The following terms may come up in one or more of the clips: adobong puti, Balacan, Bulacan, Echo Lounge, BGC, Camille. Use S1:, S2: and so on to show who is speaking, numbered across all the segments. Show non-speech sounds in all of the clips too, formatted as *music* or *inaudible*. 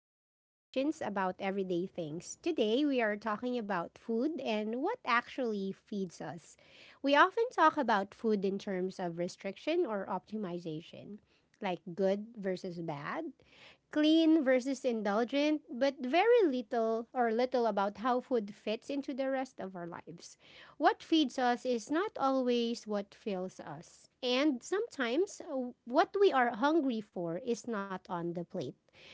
S1: deeper questions about everyday things. Today, we are talking about food and what actually feeds us. We often talk about food in terms of restriction or optimization, like good versus bad clean versus indulgent, but very little or little about how food fits into the rest of our lives. What feeds us is not always what fills us. And sometimes what we are hungry for is not on the plate.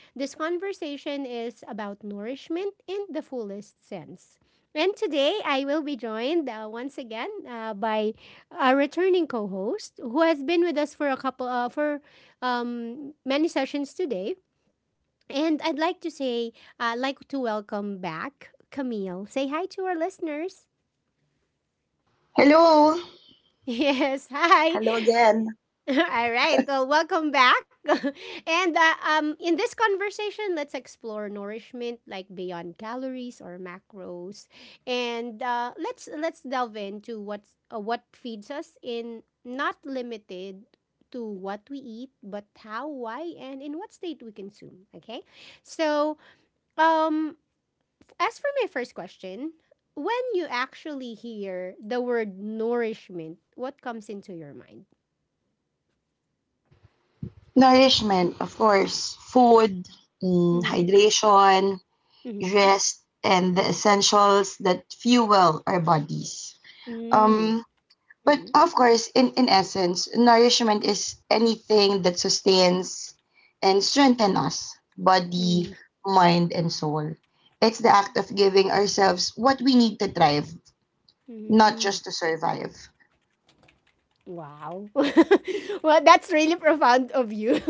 S1: This conversation is about nourishment in the fullest sense. And today I will be joined once again by a returning co-host who has been with us for a couple for many sessions today. And I'd like to say, like to welcome back Camille. Say hi to our listeners. *laughs*
S2: Hello.
S1: Yes, hi.
S2: Hello again.
S1: *laughs* All right. Well, welcome back. *laughs* and In this conversation, let's explore nourishment like beyond calories or macros, and let's delve into what feeds us in not limited to what we eat, but how, why, and in what state we consume. Okay. So, um, As for my first question, when you actually hear the word nourishment, what comes into your mind?
S2: Nourishment, of course, food, mm,
S1: Mm-hmm.
S2: hydration, rest, and the essentials that fuel our bodies.
S1: Mm-hmm. Mm-hmm.
S2: Um, but of course, in essence, nourishment is anything that sustains and strengthens us body,
S1: Mm
S2: mind, and soul. It's the act of giving ourselves what we need to thrive, not
S1: mm.
S2: just to survive.
S1: Wow. *laughs* Well, that's really profound of you. *laughs*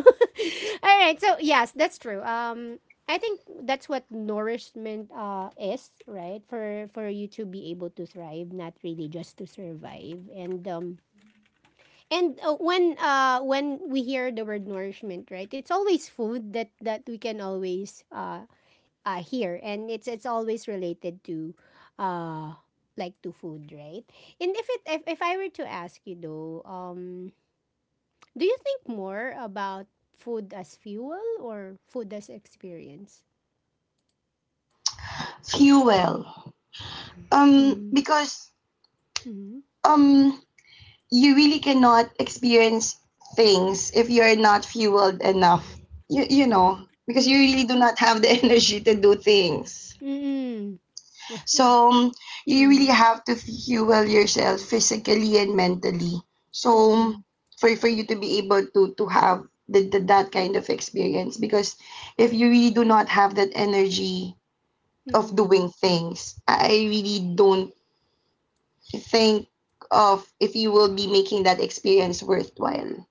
S1: All right. So, yes, that's true. I think that's what nourishment is, right? For you to be able to thrive, not really just to survive. And when we hear the word nourishment, right? It's always food that we can always hear, and it's always related to uh like to food, right? And if it if I were to ask you though, um, do you think more about food as fuel or food as experience?
S2: Fuel.
S1: Mm-hmm.
S2: Because
S1: Mm-hmm.
S2: um you really cannot experience things if you're not fueled enough. You know, because you really do not have the *laughs* energy to do things.
S1: Mm-mm. Mm-mm.
S2: So you really
S1: Mm-mm.
S2: have to fuel yourself physically and mentally. So
S1: Mm-mm.
S2: for you to be able to have that kind of experience because if you really do not have that energy of doing
S1: *laughs*
S2: things, I really don't think of if you will be making that experience worthwhile.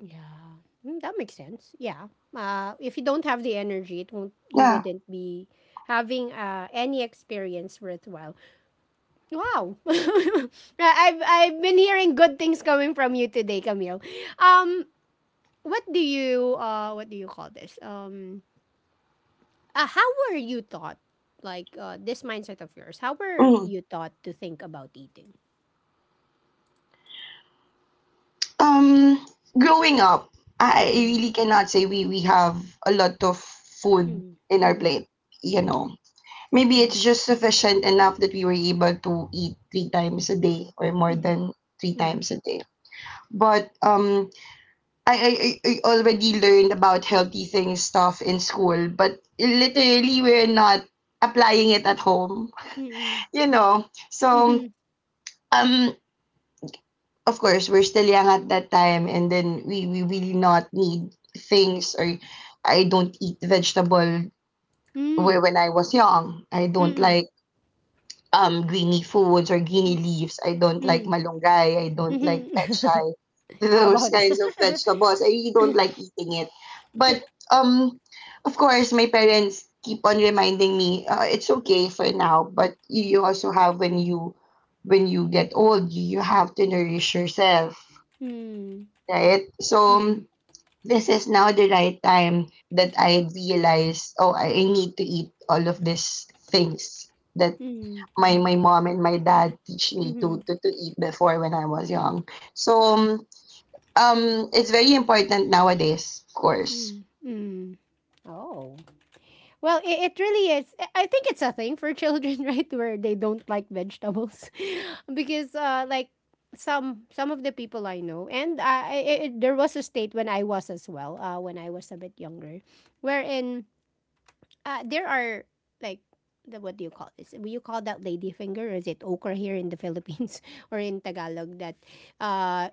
S1: Yeah. Mm, that makes sense. Yeah. If you don't have the energy, it won't, you
S2: Yeah.
S1: wouldn't be having any experience worthwhile. Wow. *laughs* I've been hearing good things coming from you today, Camille. Um, what do you, what do you call this? How were you taught, this mindset of yours, how were
S2: Mhm.
S1: you taught to think about eating?
S2: Um, Growing up, I
S1: Mm,
S2: really cannot say we have a lot of
S1: mm,
S2: food
S1: mhm,
S2: in our
S1: mhm,
S2: plate. You
S1: mhm,
S2: know, maybe
S1: mhm,
S2: it's just sufficient enough that we were able to eat three times a day or more
S1: mhm,
S2: than three
S1: mhm,
S2: times a day. But I already learned about healthy things stuff in school, but literally we're not applying it at home.
S1: mhm,
S2: You know,
S1: mhm,
S2: so
S1: mhm,
S2: um. Of course we're still young at that time and then we will not need things or I don't eat vegetable
S1: mhm,
S2: when I was young. I don't
S1: mhm,
S2: like greeny foods or greeny
S1: Mm,
S2: leaves. I don't like
S1: mm,
S2: malunggay. I don't like
S1: Mhm.
S2: pechay. *laughs*
S1: *laughs* How
S2: Those
S1: about *laughs*
S2: kinds of vegetables. I really don't like eating it. But um of course my parents keep on reminding me it's okay for now but you also have when you get old you you have to nourish yourself.
S1: Mm,
S2: Right. So
S1: mm,
S2: this is now the right time that I realized, oh, I need to eat all of these things that
S1: mm,
S2: my mom and my dad teach me
S1: mhm,
S2: to to eat before when I was young. So um it's very important nowadays, of course.
S1: mm, mm. Oh. Well, it really is. I think it's a thing for children, *laughs* right? Where they don't like vegetables. *laughs* Because like some of the people I know and I it, there was a state when I was as well, when I was a bit younger, wherein there are like the what do you call this? Will you call that ladyfinger, or is it okra here in the Philippines *laughs* or in Tagalog, that uh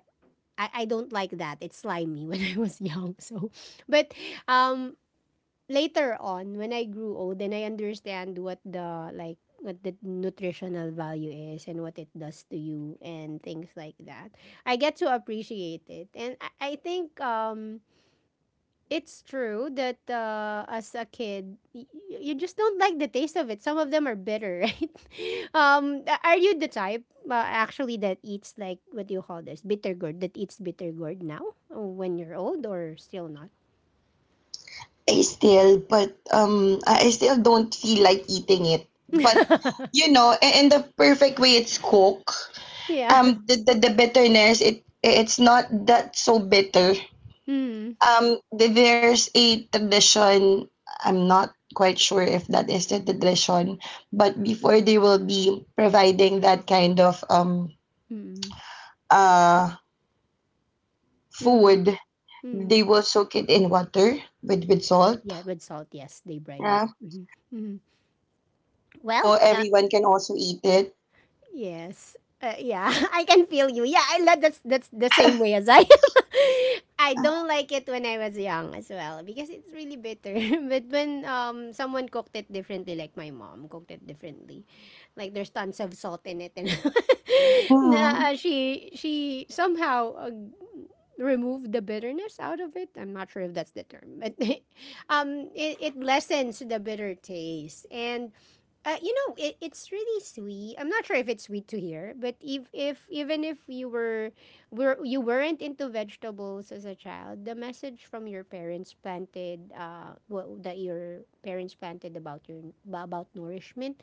S1: I don't like that. It's slimy when *laughs* I was young. So but um Later on when I grew old, then I understand what the like what the nutritional value is and what it does to you and things like that. I get to appreciate it. And I think um, it's true that as a kid, you just don't like the taste of it. Some of them are bitter, *laughs* right? Are you the type actually that eats like what do you call this bitter gourd? That eats bitter gourd now when you're old or still not?
S2: I still but um, I still don't feel like eating it. But you know, in the perfect way it's cooked.
S1: *laughs* Yeah.
S2: The bitterness it it's not that so bitter.
S1: Mm.
S2: There's a tradition. I'm not quite sure if that is the tradition, but before they will be providing that kind of
S1: Mm.
S2: uh
S1: Mm.
S2: food,
S1: Mm.
S2: they will soak it in water with salt.
S1: Yeah, with salt. Yes, they brine it.
S2: Yeah,
S1: Mhm. Mhm. Well,
S2: so everyone can also eat it.
S1: yes. Yeah, *laughs* I can feel you. Yeah, I love that's the same way as I am. *laughs* I don't like it when I was young as well because it's really bitter. *laughs* But when um, someone cooked it differently, like my mom cooked it differently, like there's tons of salt in it, and *laughs*
S2: Hmm.
S1: na, she somehow removed the bitterness out of it. I'm not sure if that's the term, but *laughs* um, it lessens the bitter taste and you know, it, it's really sweet. I'm not sure if it's sweet to hear, but if even if you were you weren't into vegetables as a child, the message from your parents planted what that your parents planted about your about nourishment,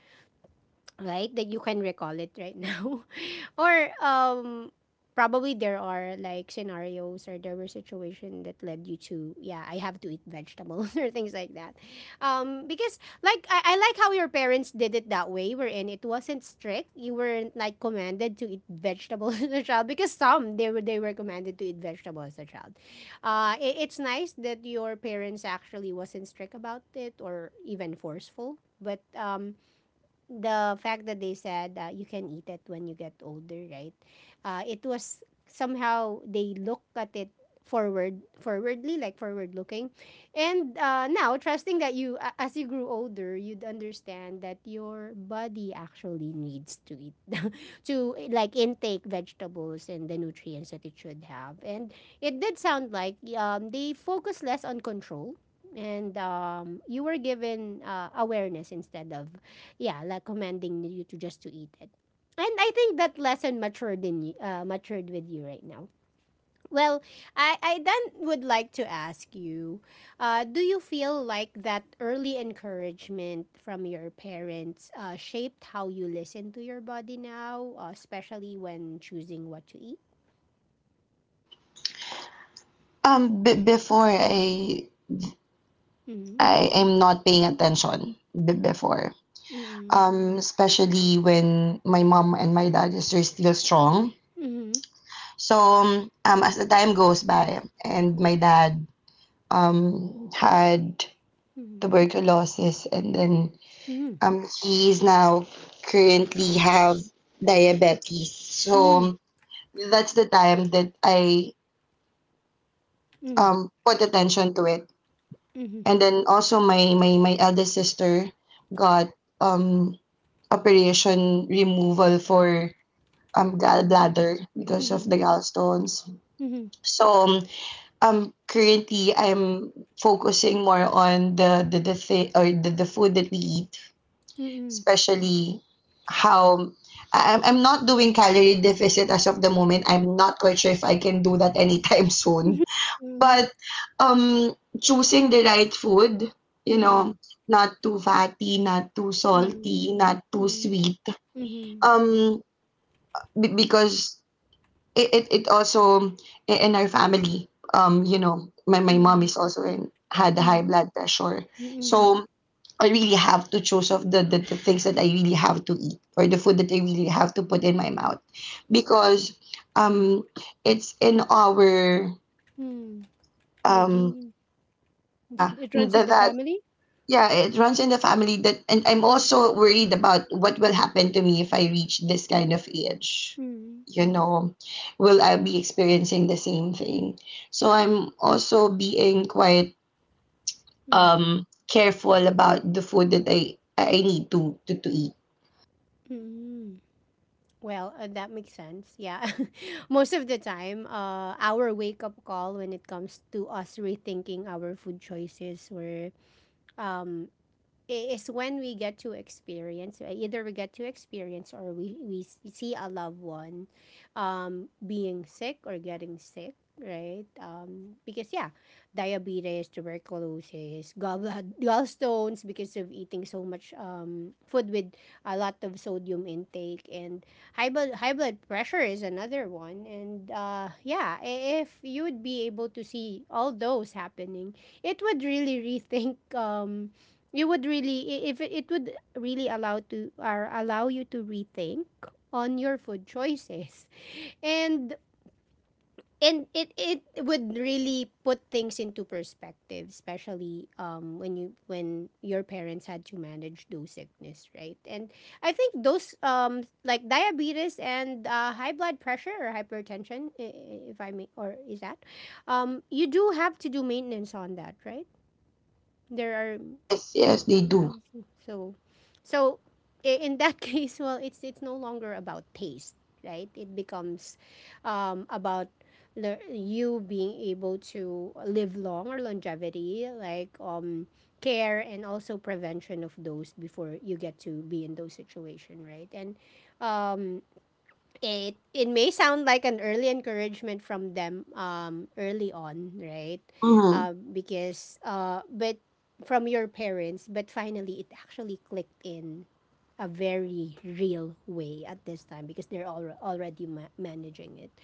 S1: right, that you can recall it right now, *laughs* or um, probably there are like scenarios or there were situation that led you to yeah, I have to eat vegetables, *laughs* or things like that. Um, because like I like how your parents did it that way, wherein it wasn't strict, you weren't like commanded to eat vegetables *laughs* as a child, because some they were commanded to eat vegetables as a child. It, it's nice that your parents actually wasn't strict about it or even forceful, but um, the fact that they said you can eat it when you get older, right? It was somehow they look at it forwardly, like forward looking, and now trusting that as you grew older, you'd understand that your body actually needs to eat, *laughs* to like intake vegetables and the nutrients that it should have, and it did sound like they focus less on control, and you were given awareness instead of yeah, like commanding you to just to eat it. And I think that lesson matured in you, matured with you right now. Well, I then would like to ask you, do you feel like that early encouragement from your parents shaped how you listen to your body now, especially when choosing what to eat?
S2: Before
S1: Mm-hmm.
S2: I am not paying attention before.
S1: Mm-hmm.
S2: Especially when my mom and my dad is still strong. So as the time goes by, and my dad had
S1: Mm-hmm.
S2: tuberculosis, and then
S1: Mm-hmm.
S2: he's now currently have diabetes. So that's the time that I
S1: Mm-hmm.
S2: put attention to it.
S1: Mm-hmm. Mm-hmm. Mm-hmm.
S2: And then also my eldest sister got um, operation removal for gallbladder because of the gallstones.
S1: Mm-hmm.
S2: So currently I'm focusing more on the or the food that we eat,
S1: Mm-hmm. Mm-hmm.
S2: especially how I'm not doing calorie deficit as of the moment. I'm not quite sure if I can do that anytime *laughs* soon.
S1: Mm-hmm.
S2: But um choosing the right food, you
S1: Mm-hmm.
S2: know, not too fatty, not too salty, not too
S1: Mm,
S2: sweet.
S1: mhm,
S2: Um because it also in our family you know my mom
S1: mm,
S2: is also in had high
S1: mm,
S2: blood pressure
S1: mm, mhm,
S2: so I really have to choose of the things that I really have to eat or the food that I really have to put in my mouth because um it's in our
S1: mm. Your
S2: um
S1: gene,
S2: yeah
S1: it runs in the
S2: that
S1: family.
S2: yeah, it runs in the family that and I'm also worried about what will happen to me if I reach this kind of age.
S1: Mm,
S2: You know, will I be experiencing the same thing? So I'm also being quite
S1: mm,
S2: careful about the food that I need to to eat.
S1: mm. Well, that makes sense. Yeah, *laughs* most of the time, our wake up call when it comes to us rethinking our food choices were um, is when we get to experience, right? Either we get to experience or we see a loved one being sick or getting sick, right, because yeah, diabetes, tuberculosis, gallblad gallstones, because of eating so much food with a lot of sodium intake, and high blood pressure is another one. And yeah, if you would be able to see all those happening, it would really rethink you would really I- if it, it would really allow to or allow you to rethink on your food choices. and and it, it would really put things into perspective, especially um, when you when your parents had to manage those sickness, right. And I think those um, like diabetes and high blood pressure or hypertension, if I may, or is that um, you do have to do maintenance on that, right? There are
S2: Yes, yes, they do.
S1: uh, so, so in that *laughs* case, well, it's no longer about taste, right? It becomes about you being able to live long or longevity, like care and also prevention of those before you get to be in those situation, right? And um, it it may sound like an early encouragement from them um, early on, right,
S2: Mm-hmm.
S1: because uh, but from your parents, but finally it actually clicked in a very real way at this time because they're already managing it.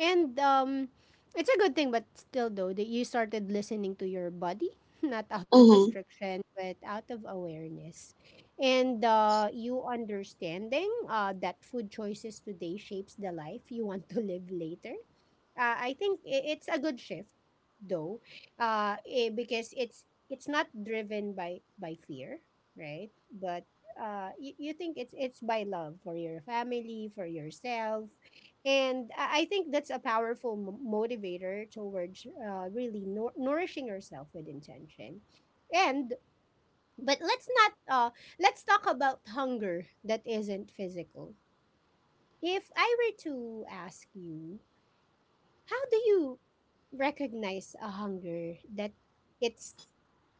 S1: And um, it's a good thing but still though that you started listening to your body *laughs* not out of
S2: Mm-hmm.
S1: restriction but out of awareness, and you understanding that food choices today shapes the life you want to live later. I think it's a good shift, though, eh, because it's not driven by fear, right? But you, you think it's by love for your family, for yourself, and I think that's a powerful motivator towards really nourishing yourself with intention. And but let's not uh, let's talk about hunger that isn't physical. If I were to ask you, how do you recognize a hunger that it's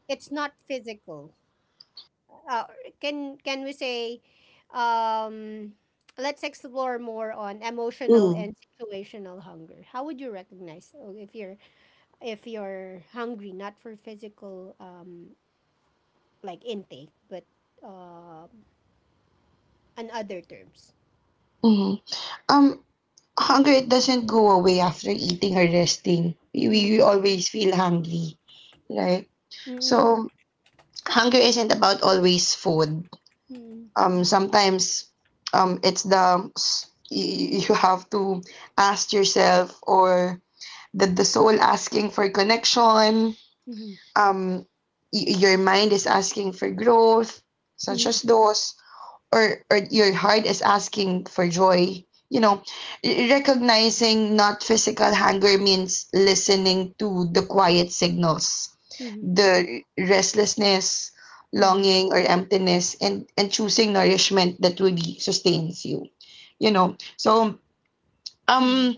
S1: it's not physical? Uh, can we say um, let's explore more on emotional
S2: Mm.
S1: and situational hunger. How would you recognize oh, if you're hungry not for physical um, like intake but uh, on other terms?
S2: Mm-hmm. Um, Hunger it doesn't go away after eating or resting. We always feel hungry, right? So hunger isn't about always food. Sometimes it's you have to ask yourself or the soul asking for connection. Um, your mind is asking for growth, such as those or your heart is asking for joy you know recognizing not physical hunger means listening to the quiet signals the restlessness longing or emptiness and choosing nourishment that really sustains you you know so um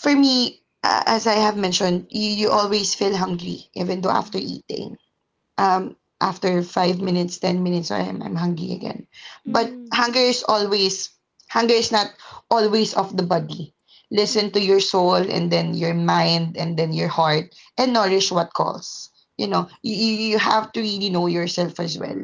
S2: for me as I have mentioned you, you always feel hungry even though after eating um, after five minutes, ten minutes, I'm hungry again. But hunger is always hunger is not always of the body. Listen to your soul and then your mind and then your heart and nourish what calls. You know, you have to really know yourself as well.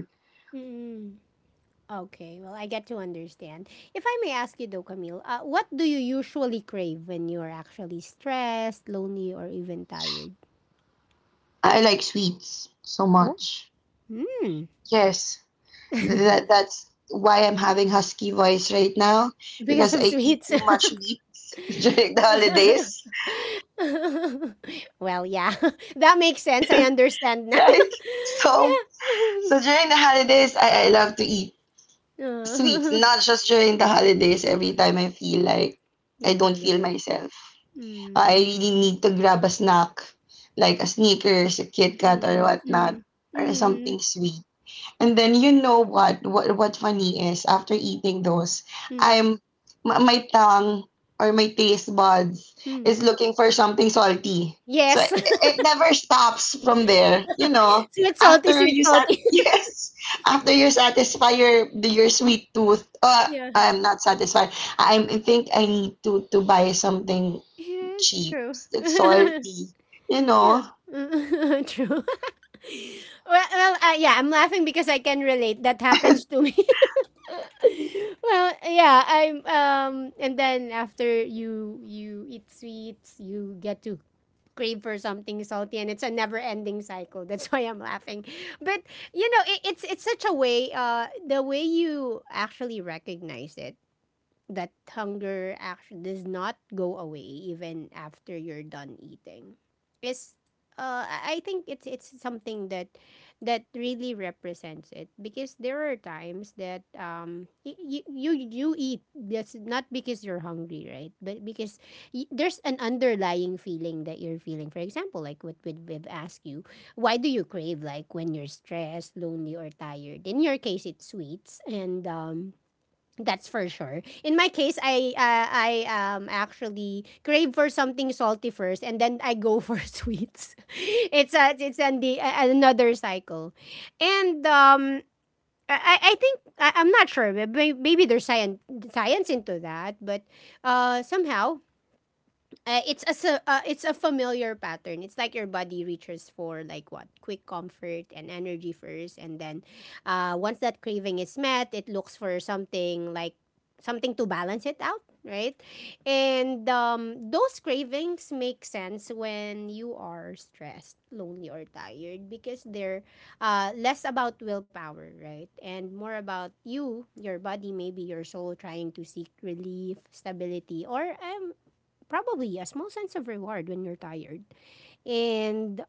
S1: Okay, well, I get to understand. If I may ask you though, Camille, what do you usually crave when you're actually stressed, lonely, or even tired?
S2: I like sweets so
S1: Oh,
S2: much.
S1: mm,
S2: Yes, that that's why I'm having husky voice right now
S1: because
S2: because
S1: of
S2: I eat
S1: sweets.
S2: too much meat *laughs* during the holidays,
S1: *laughs* Well, yeah, *laughs* that makes sense. I understand
S2: *laughs*
S1: now.
S2: right?
S1: *laughs*
S2: So
S1: Yeah.
S2: so
S1: *laughs*
S2: during the holidays, I love to eat sweets,
S1: Oh,
S2: not just during the holidays. Every time I feel like
S1: *laughs* you
S2: I
S1: feel
S2: don't feel
S1: low.
S2: myself, I
S1: Mm,
S2: really need to grab a snack, like a Snickers, a Kit Kat,
S1: mm,
S2: or
S1: mm,
S2: whatnot,
S1: mm,
S2: or
S1: mm,
S2: something sweet. And then you know what? What funny is after eating those, I'm
S1: mm.
S2: my tongue or my taste buds
S1: mm.
S2: is looking for something salty. So
S1: Yes.
S2: it never stops from there. You know,
S1: *laughs* Sweet, salty,
S2: after
S1: sweet,
S2: you
S1: salty.
S2: *laughs*
S1: *laughs*
S2: yes, after you satisfy your sweet tooth.
S1: Yeah.
S2: I'm not satisfied. I think I need to buy something
S1: Yes,
S2: cheap.
S1: true.
S2: It's salty.
S1: *laughs*
S2: You know.
S1: Yeah. *laughs* True. *laughs* Well, yeah, I'm laughing because I can relate. That happens to me. *laughs* Well, yeah, I'm and then after you eat sweets, you get to crave for something salty, and it's a never ending cycle. *laughs* That's why I'm laughing. But you know it's such a way, the way you actually recognize it, that hunger actually does not go away even after you're done eating, is I think it's something that really represents it, because there are times that you eat that's not because you're hungry, right, but because there's an underlying feeling that you're feeling. For example, like what we've asked you, why do you crave, like when you're stressed, lonely, or tired? In your case, it's sweets and that's for sure. In my case, I actually crave for something salty first, and then I go for *laughs* sweets. It's a it's an the a- another cycle, and um, I think I'm not sure. Maybe there's science into that, but somehow it's a it's a familiar pattern. It's like your body reaches for, like, what, quick comfort and energy first, and then once that craving is met, it looks for something like something to balance it out, right? And those cravings make sense when you are stressed, lonely, or tired because they're less about willpower, right, and more about you, your body, maybe your soul, trying to seek relief, stability, or probably a small sense of reward when you're tired. And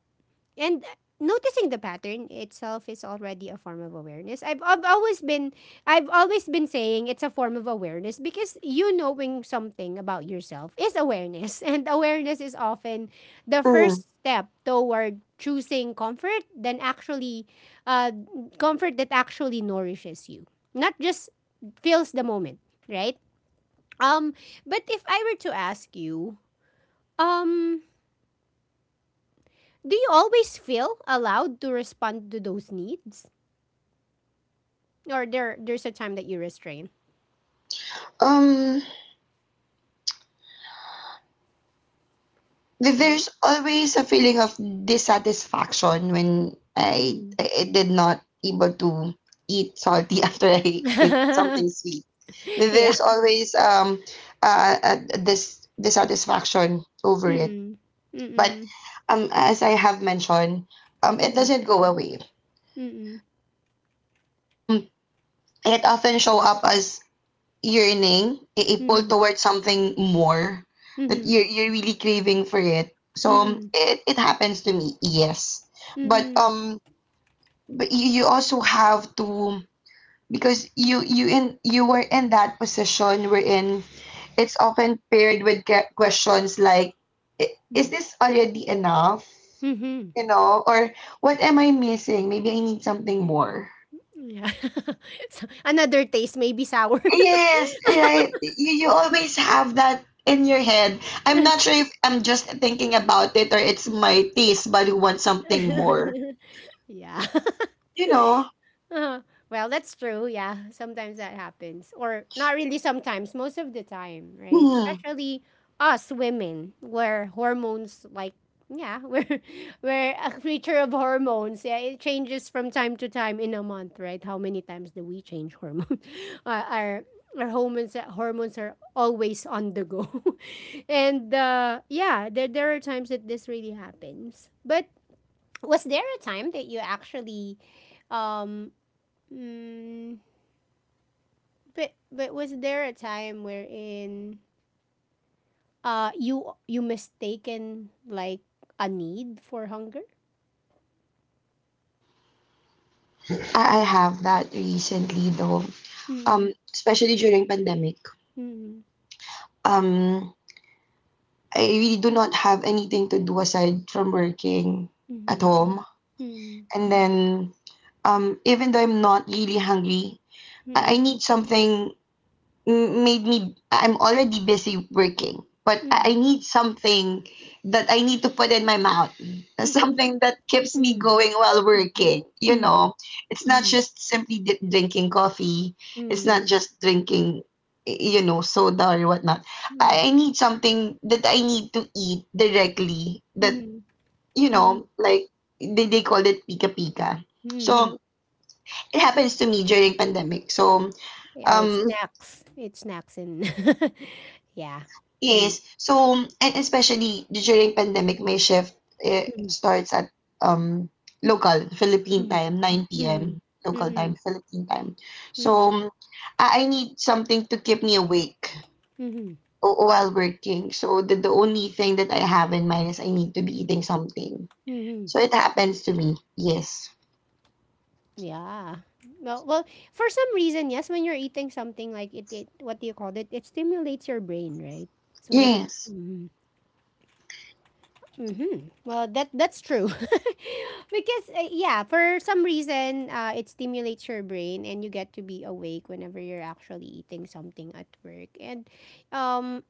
S1: noticing the pattern itself is already a form of awareness. I've always been saying it's a form of awareness because you knowing something about yourself is awareness. *laughs* And awareness is often the
S2: Mm.
S1: first step toward choosing comfort, then actually uh, comfort that actually nourishes you. Not just fills the moment, right? Um, but if I were to ask you, um, do you always feel allowed to respond to those needs? Or there's a time that you restrain?
S2: Um.
S1: Mm-hmm.
S2: There's always a feeling of dissatisfaction when
S1: Mm-hmm.
S2: I did not able to eat salty *laughs* after I eat
S1: *laughs*
S2: something sweet.
S1: Yeah.
S2: There's always this dissatisfaction over it.
S1: Mm-mm.
S2: But
S1: Mm-mm.
S2: as I have mentioned, it
S1: Mm-mm.
S2: doesn't go away.
S1: Mm-mm.
S2: So it often show up as yearning, a pull
S1: Mm-mm.
S2: towards something more that
S1: Mm-mm.
S2: you're really craving for it. So
S1: Mm-mm.
S2: it happens to me, yes. But
S1: Mm-mm.
S2: um, but you also have to because you were in that position wherein it's often paired with questions like, "I- is
S1: Mm-mm.
S2: this already enough?
S1: Mm-hmm.
S2: You know, or what am I missing? Maybe I need something more."
S1: Yeah. *laughs* So another taste may be sour.
S2: Yes, right. You always have that in your head. I'm not sure if I'm just thinking about it or it's my taste, but you want something more.
S1: *laughs* Yeah.
S2: You know?
S1: Uh-huh. Well, that's true. Yeah, sometimes that happens. Or not really sometimes, most of the time, right?
S2: Mm.
S1: Especially us women, where hormones, like, yeah, *laughs* we're a creature of hormones. Yeah, it changes from time to time in a month, right? How many times do we change hormones? *laughs* Uh, our, our hormones are always on the go. *laughs* And yeah, there are times that this really happens. But was there a time that you actually um Mm, but was there a time wherein you mistaken like a need for hunger?
S2: I have that recently though.
S1: Mm.
S2: Especially during pandemic.
S1: Mm.
S2: Um, I really do not have anything to do aside from working at
S1: Mm.
S2: home.
S1: Mm.
S2: And then even though I'm not really hungry, I
S1: Mm.
S2: need something m- made me I'm already busy working, but I
S1: Mm.
S2: need something that I need to put in my mouth, *laughs* something that keeps me
S1: Mm.
S2: going while working. You
S1: Mm. Mm.
S2: know, it's not
S1: Mm.
S2: just simply d drinking coffee. It's not
S1: Mm.
S2: just drinking, you know, soda or whatnot.
S1: Mm.
S2: I need something that I need to eat directly. That
S1: Mm.
S2: you
S1: Mm.
S2: know, like they call it pika pika.
S1: Mm.
S2: So it happens to me during pandemic. So.
S1: Oh,
S2: Um,
S1: it's snacks. It's snacks and *laughs* yeah. Mm.
S2: Yes. So, and especially during pandemic, my shift
S1: Mm.
S2: starts at um local Philippine
S1: Mm.
S2: time,
S1: Mm.
S2: 9
S1: Mm.
S2: p.m. local time,
S1: Mm.
S2: Philippine time.
S1: Mm.
S2: So,
S1: Mm.
S2: I need something to keep me awake
S1: Mm.
S2: while working. So, the only thing that I have in mind is I need to be eating something.
S1: Mm.
S2: So, it happens to me. Yes.
S1: Yeah. Well, for some reason, yes, when you're eating something, like it, what do you call it, it stimulates your brain, right? So that it
S2: Yes.
S1: Mm-hmm. Well, that's true. *laughs* Because yeah, for some reason, it stimulates your brain and you get to be awake whenever you're actually eating something at work. And um,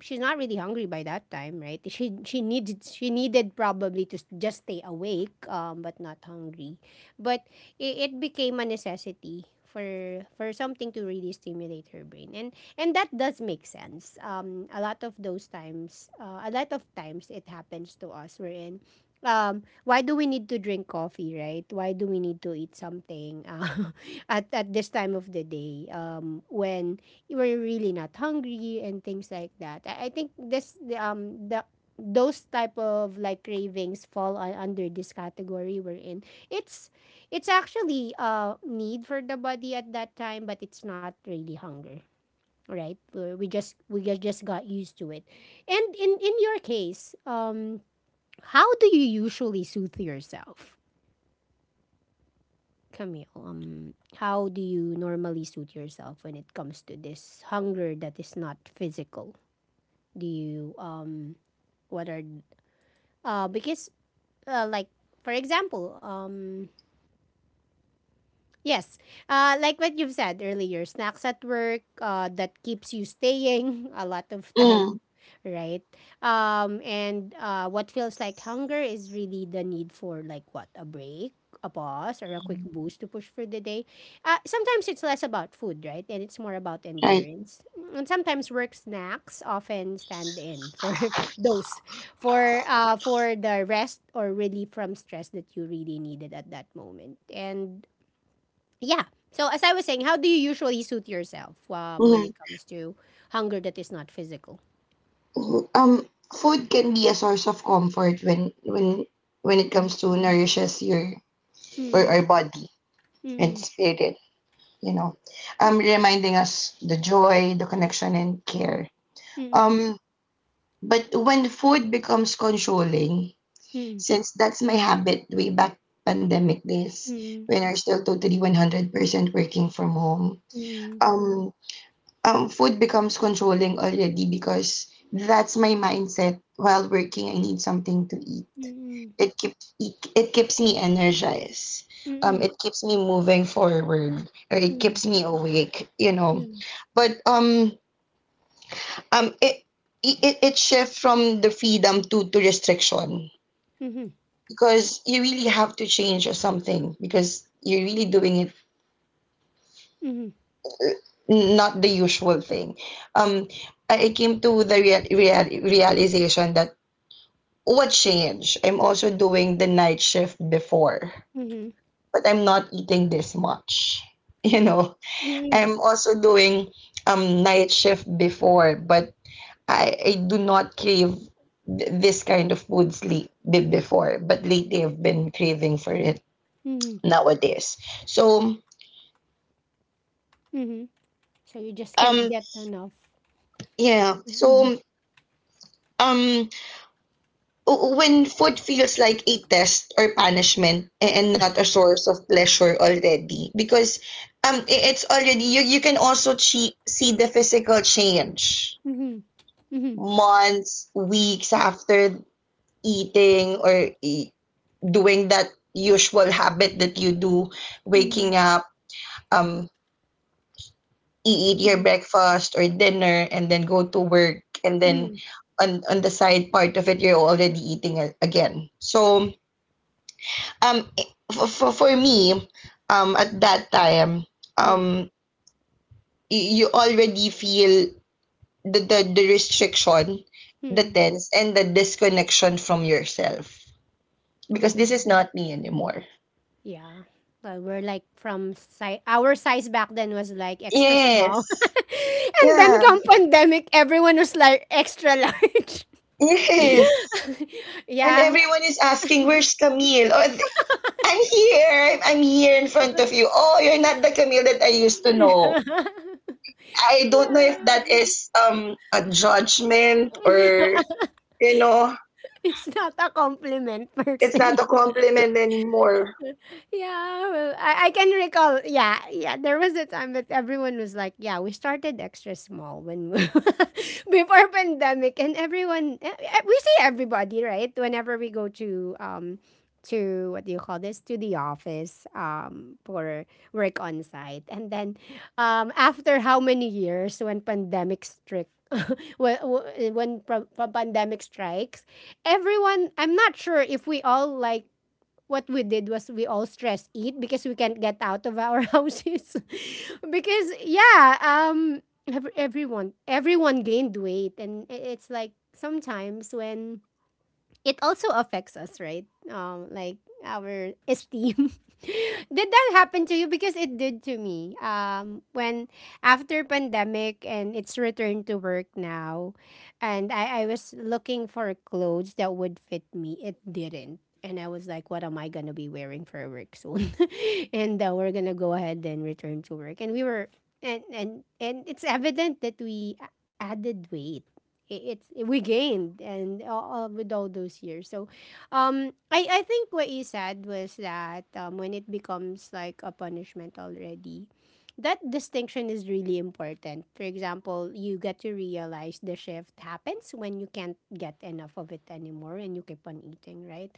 S1: she's not really hungry by that time, right? She needed probably to just stay awake, um, but not hungry. But it became a necessity for something to really stimulate her brain. And that does make sense. A lot of those times, a lot of times it happens to us. We're in. Why do we need to drink coffee, right? Why do we need to eat something, *laughs* at this time of the day, when we're really not hungry and things like that? I think this the those type of like cravings fall under this category we're in. It's it's actually a need for the body at that time, but it's not really hunger, right? We just got used to it. And in your case, how do you usually soothe yourself, Camille? How do you normally soothe yourself when it comes to this hunger that is not physical? Do you um, what are because like for example Yes. Like what you've said earlier, snacks at work, that keeps you staying *laughs* a lot of
S2: Mm,
S1: time, right? And what feels like hunger is really the need for, like, what, a break, a pause, or a quick boost to push for the day. Sometimes it's less about food, right? And it's more about
S2: right.
S1: endurance. And sometimes work snacks often stand in for *laughs* those, for the rest or relief from stress that you really needed at that moment. And yeah. So as I was saying, how do you usually suit yourself, when
S2: Mm.
S1: it comes to hunger that is not physical?
S2: Um, food can be a source of comfort when it
S1: Mm,
S2: comes to nourishes your or
S1: mm,
S2: our body and
S1: mm,
S2: spirit, you know, reminding us the joy, the connection, and care.
S1: mm,
S2: Um, but when food becomes controlling,
S1: mm,
S2: since that's my habit way back pandemic days,
S1: mm,
S2: when we're still totally 100% working from home,
S1: mm,
S2: um, food becomes controlling already because that's my mindset while working. I need something to eat
S1: mm,
S2: it keeps it keeps me energized
S1: mm, mm, mhm,
S2: it keeps me moving forward or it keeps me awake you know but it it shifts from the freedom to restriction
S1: mhm,
S2: because you really have to change or something because you're really doing it uh, not the usual thing um i I came to the realization that what changed I'm also doing the night shift before
S1: mhm,
S2: but I'm not eating this much. *laughs* You know,
S1: mhm,
S2: I'm also doing night shift before, but I do not crave this kind of food sleep before, but lately I've been craving for it
S1: mhm,
S2: nowadays. So
S1: mhm. So you just can't
S2: um
S1: get enough.
S2: yeah,
S1: Mhm,
S2: so um w- when food feels like a test or punishment and not a source of pleasure already, because it's already you can also see the physical change
S1: mhm, mhm,
S2: months, weeks after eating or doing that usual habit that you do,
S1: mhm,
S2: waking up, um, eat your
S1: mhm,
S2: breakfast or dinner, and then go to work, and then
S1: mhm,
S2: on the side part of it, you're already eating again. So, um, for, for, for me, at that time,
S1: mhm,
S2: um, you already feel the restriction, the
S1: mhm.
S2: tense, and the disconnection from yourself because this
S1: Oh.
S2: is not me anymore.
S1: Yeah. Well, we're like, from our size back then was like extra small. *laughs*
S2: Yes.
S1: And then
S2: Yeah.
S1: come *laughs* pandemic, everyone was like extra large. *laughs* Yeah.
S2: Yes. And
S1: *laughs*
S2: everyone is asking, where's Camille? I'm here. I'm here in front of you. Oh, you're not the Camille that I used to know.
S1: Yeah. *laughs*
S2: I don't know if that is a judgment or you know,
S1: It's not a compliment per
S2: it's not
S1: se.
S2: a compliment anymore.
S1: Yeah, well, I can recall. Yeah, yeah, there was a time that everyone was like, "Yeah, we started extra small when *laughs* before pandemic," and everyone, we see everybody, right, whenever we go to um, to what do you call this, to the office, um, for work on site, and then um, after how many years when pandemic struck. *laughs* when when pandemic strikes, everyone. I'm not sure if we all, like, what we did was we all stress eat because we can't get out of our *laughs* houses. *laughs* Because yeah, um, everyone gained weight, and it's like sometimes when it also affects us, right? Like our esteem. *laughs* Did that happen to you? Because it did to me. When after pandemic and it's return to work now, and I was looking for clothes that would fit me, it didn't. And I was like, what am I going to be wearing for work soon? *laughs* And we're going to go ahead and return to work. And and it's evident that we added weight, it's we gained, and with all those years. So, I think what you said was that when it becomes like a punishment already, that distinction is really important. For example, you get to realize the shift happens when you can't get enough of it anymore and you keep on eating, right?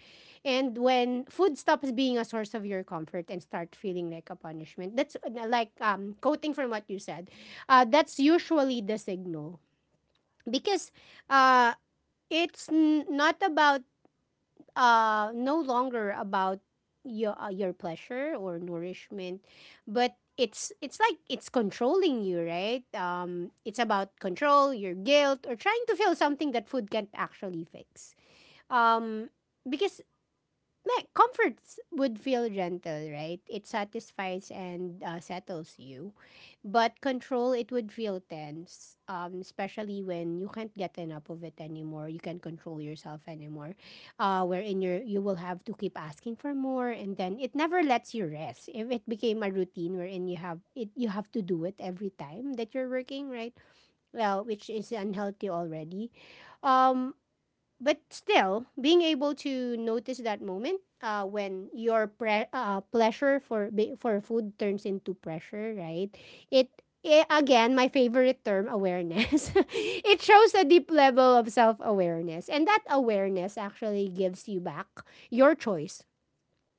S1: And when food stops being a source of your comfort and start feeling like a punishment, that's like, um, quoting from what you said. That's usually the signal because uh, it's not about no longer about your pleasure or nourishment, but it's like it's controlling you, right? It's about control, your guilt, or trying to feel something that food can't actually fix. Um, because like comforts would feel gentle, right? It satisfies and settles you, but control it would feel tense, especially when you can't get enough of it anymore. You can't control yourself anymore, wherein you will have to keep asking for more, and then it never lets you rest. If it became a routine wherein you have it, you have to do it every time that you're working, right? Well, which is unhealthy already. Um, but still being able to notice that moment, when your pleasure for for food turns into pressure, right, it, again my favorite term, awareness. *laughs* It shows a deep level of self-awareness, and that awareness actually gives you back your choice,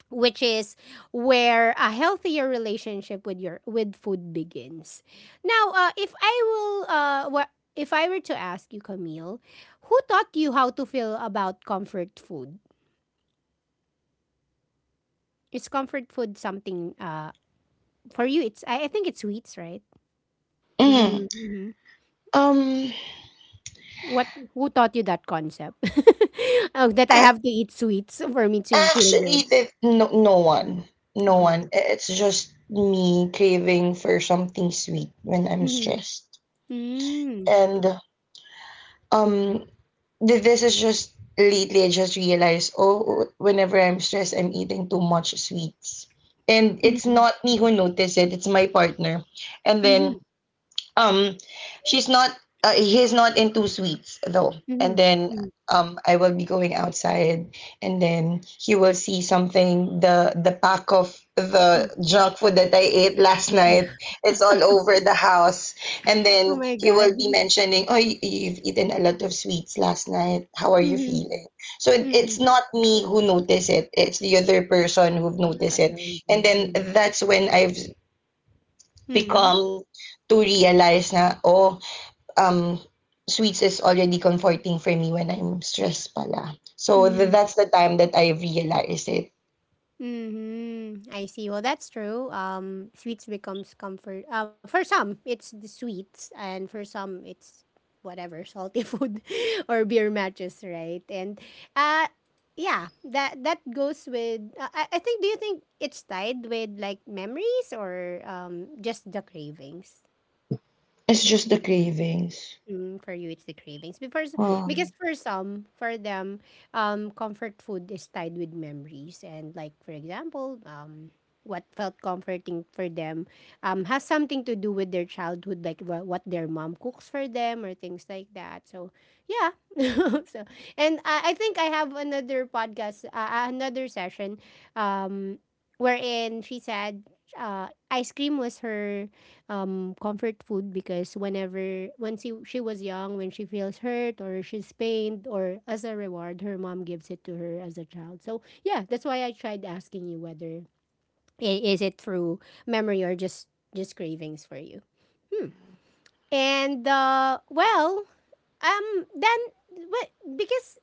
S1: which is where a healthier relationship with your with food begins. Now, if I were to ask you, Camille, who taught you how to feel about comfort food? Is comfort food something, for you? It's I think it's sweets, right? Do
S2: Mm.
S1: you mhm.
S2: Um,
S1: What? Who taught you that concept? *laughs* Oh, that I
S2: a-
S1: have to eat sweets for me to feel
S2: Actually,
S1: good.
S2: the no, no one, no
S1: Oh
S2: one.
S1: no.
S2: I- It's just me craving for something sweet when I'm
S1: Mm-hmm.
S2: stressed.
S1: Mm-hmm.
S2: and um this is just lately. I just realized, oh, whenever I'm stressed I'm eating too much sweets, and it's
S1: Mm-hmm.
S2: not me who noticed it, it's my partner. And then um, she's not. He's not into sweets though. And
S1: Mm-hmm.
S2: then
S1: Mm-hmm.
S2: I will be going outside, and then he will see something. The pack of the junk food that I ate last night. It's all over the house, and
S1: Oh
S2: then
S1: my
S2: he
S1: god.
S2: will be mentioning, "Oh, you've eaten a lot of sweets last night. How are you
S1: Mhm,
S2: feeling?" So it's
S1: mm.
S2: not me who notice it. It's the other person who've noticed it,
S1: Really
S2: and then
S1: do.
S2: that's when I've
S1: Mm.
S2: become to realize na, oh, um sweets is already comforting for me when I'm stressed pala. So
S1: Mm,
S2: that's the time that I realized it.
S1: mm, mhm. I see. Well, that's true. Sweets becomes comfort. For some, it's the sweets, and for some, it's whatever salty *laughs* food or beer matches, right? And uh, yeah, that goes with. I think. Do you think it's tied with like memories or just the cravings?
S2: It's just the cravings.
S1: Mm, for you, it's the cravings. Because
S2: Um,
S1: for some, for them, comfort food is tied with memories, and like for example, what felt comforting for them, has something to do with their childhood, like what their mom cooks for them or things like that. So yeah, *laughs* so and I think I have another podcast, another session, um, wherein she said, ice cream was her comfort food because she was young when she feels hurt or she's pained or as a reward her mom gives it to her as a child. So yeah, that's why I tried asking you whether is it through memory or just cravings for you. Hmm. And well then what because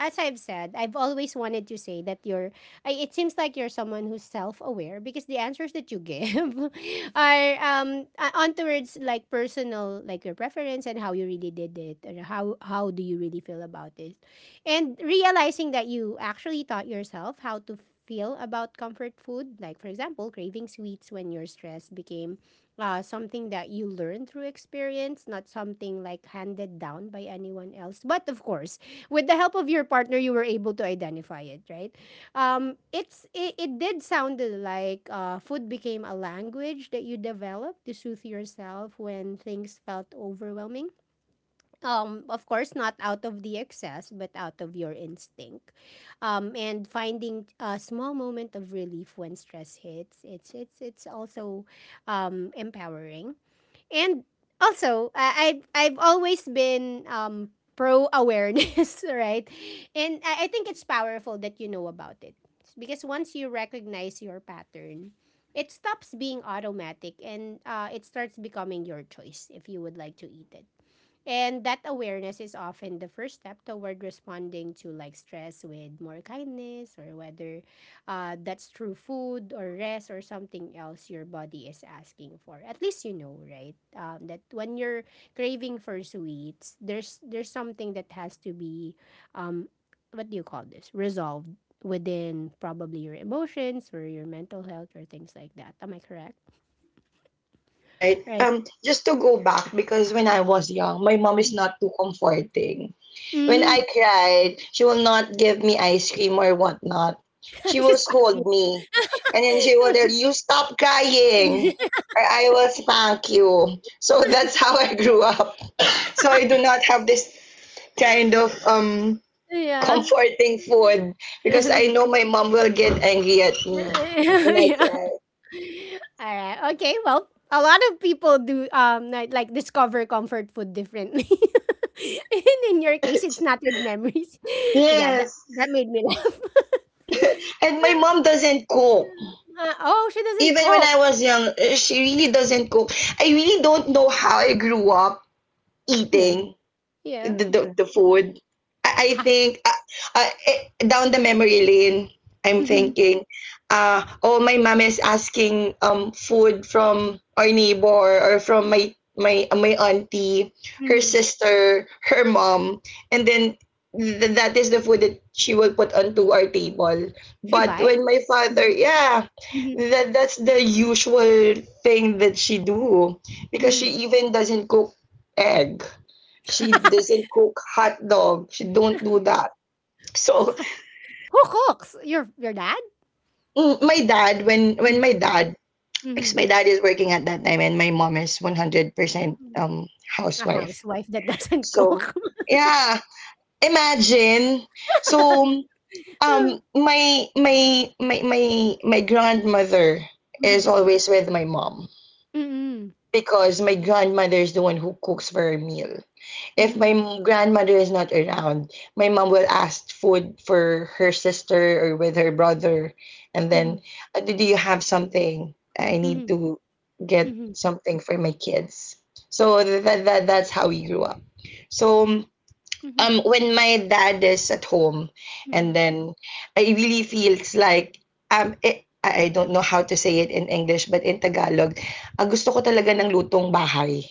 S1: as I've said, I've always wanted to say that you're. I, it seems like you're someone who's self-aware because the answers that you give *laughs* are on towards like personal, like your preference and how you really did it, or how do you really feel about it, and realizing that you actually taught yourself how to feel about comfort food, like for example, craving sweets when you're stressed became something that you learned through experience, not something like handed down by anyone else. But of course, with the help of your partner, you were able to identify it, right? It's it did sound like food became a language that you developed to soothe yourself when things felt overwhelming. Of course, not out of the excess, but out of your instinct, and finding a small moment of relief when stress hits. It's also empowering. And also, I've always been pro awareness, *laughs* right? And I think it's powerful that you know about it. Because once you recognize your pattern, it stops being automatic and it starts becoming your choice if you would like to eat it. And that awareness is often the first step toward responding to like stress with more kindness or whether that's through food or rest or something else your body is asking for. At least you know, right? That when you're craving for sweets, there's something that has to be um, what do you call this? Resolved within probably your emotions or your mental health or things like that. Am I correct?
S2: right.
S1: Right.
S2: Just to go back, because when I was young, my mom is not too comforting. When
S1: Mm.
S2: I cried, she will not give me ice cream or whatnot.
S1: *laughs*
S2: She will
S1: She's happy.
S2: scold me. And then she will tell you, stop crying.
S1: *laughs*
S2: Or I will spank you. So *laughs* that's how
S1: *laughs*
S2: I grew up. So I do not have this kind of
S1: Yeah.
S2: comforting food
S1: *laughs*
S2: because I
S1: Yeah.
S2: know my mom will get angry at me. Like,
S1: All right. Okay. Well, a lot of people do like discover comfort food differently. *laughs* And in your case, it's not with memories. *laughs* Yeah, that
S2: yes,
S1: that made me laugh. *laughs*
S2: and my mom doesn't cook.
S1: Oh, she doesn't
S2: Even when
S1: cook.
S2: I was young, eh, she really doesn't cook. I really don't know how I grew up
S1: Yeah.
S2: eating
S1: Yeah.
S2: the the,
S1: b-
S2: the food. I
S1: Ha.
S2: think down the memory lane, I'm
S1: Hmm.
S2: thinking, oh, my mom is asking food from our neighbor or from my auntie, her
S1: Hmm.
S2: sister, her mom, and then that is the food that she will put onto our table.
S1: She
S2: But when
S1: buys.
S2: my
S1: Hmm.
S2: father, yeah,
S1: Hmm.
S2: that that's the usual thing that she do because
S1: Hmm.
S2: she even doesn't cook egg. She
S1: *laughs*
S2: doesn't cook hot dog. She don't do that. So
S1: Who cooks? Your dad?
S2: mm, my dad, when
S1: Mm-hmm.
S2: my dad, because my dad is working at that time, and my mom is 100%
S1: Mm-hmm. A
S2: housewife.
S1: housewife that doesn't
S2: So
S1: cook.
S2: yeah, imagine. So
S1: *laughs*
S2: my grandmother is
S1: Mhm.
S2: always with my mom,
S1: Mm.
S2: because my grandmother is the one who cooks for a meal. If my
S1: Mm.
S2: grandmother is not around, my mom will ask food for her sister or with her brother, and then,
S1: Mhm.
S2: "Do you have something? I need
S1: Mhm.
S2: to get
S1: Mhm.
S2: something for my kids." So that that's how we grew up. So um,
S1: Mhm.
S2: um when my dad is at home and
S1: Mhm.
S2: then I really feels like I don't know how to say it in English but in Tagalog, ang gusto ko talaga ng lutong bahay.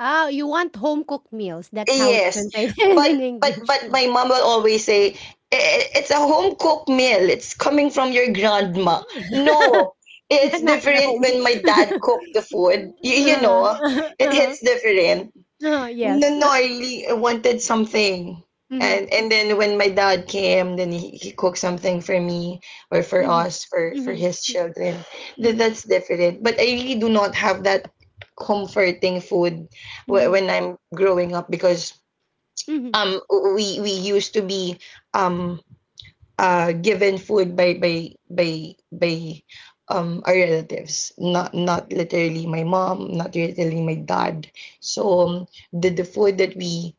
S1: Oh, you want home cooked meals. That's how it's
S2: Yes,
S1: translated *laughs*
S2: but
S1: in
S2: but
S1: English.
S2: but my mom will always say, "I- "it's a home cooked meal, it's coming from your grandma."
S1: *laughs*
S2: No,
S1: Not
S2: it's
S1: not our
S2: different
S1: home.
S2: when my
S1: *laughs*
S2: dad cooked the food. Y- you
S1: Uh,
S2: know, it
S1: uh-huh.
S2: hits different. No,
S1: Yes.
S2: no, I
S1: *laughs*
S2: really wanted something.
S1: Mhm.
S2: And then when my dad came, then he cooked something for me or for
S1: Mhm.
S2: us, for
S1: Mhm.
S2: his
S1: Mhm.
S2: children. That,
S1: Mhm.
S2: that's different. But I really do not have that comforting food
S1: Mhm.
S2: when I'm growing up because
S1: Mhm.
S2: um we used to be um given food by our relatives, not not literally my mom, not literally my dad. So the food that we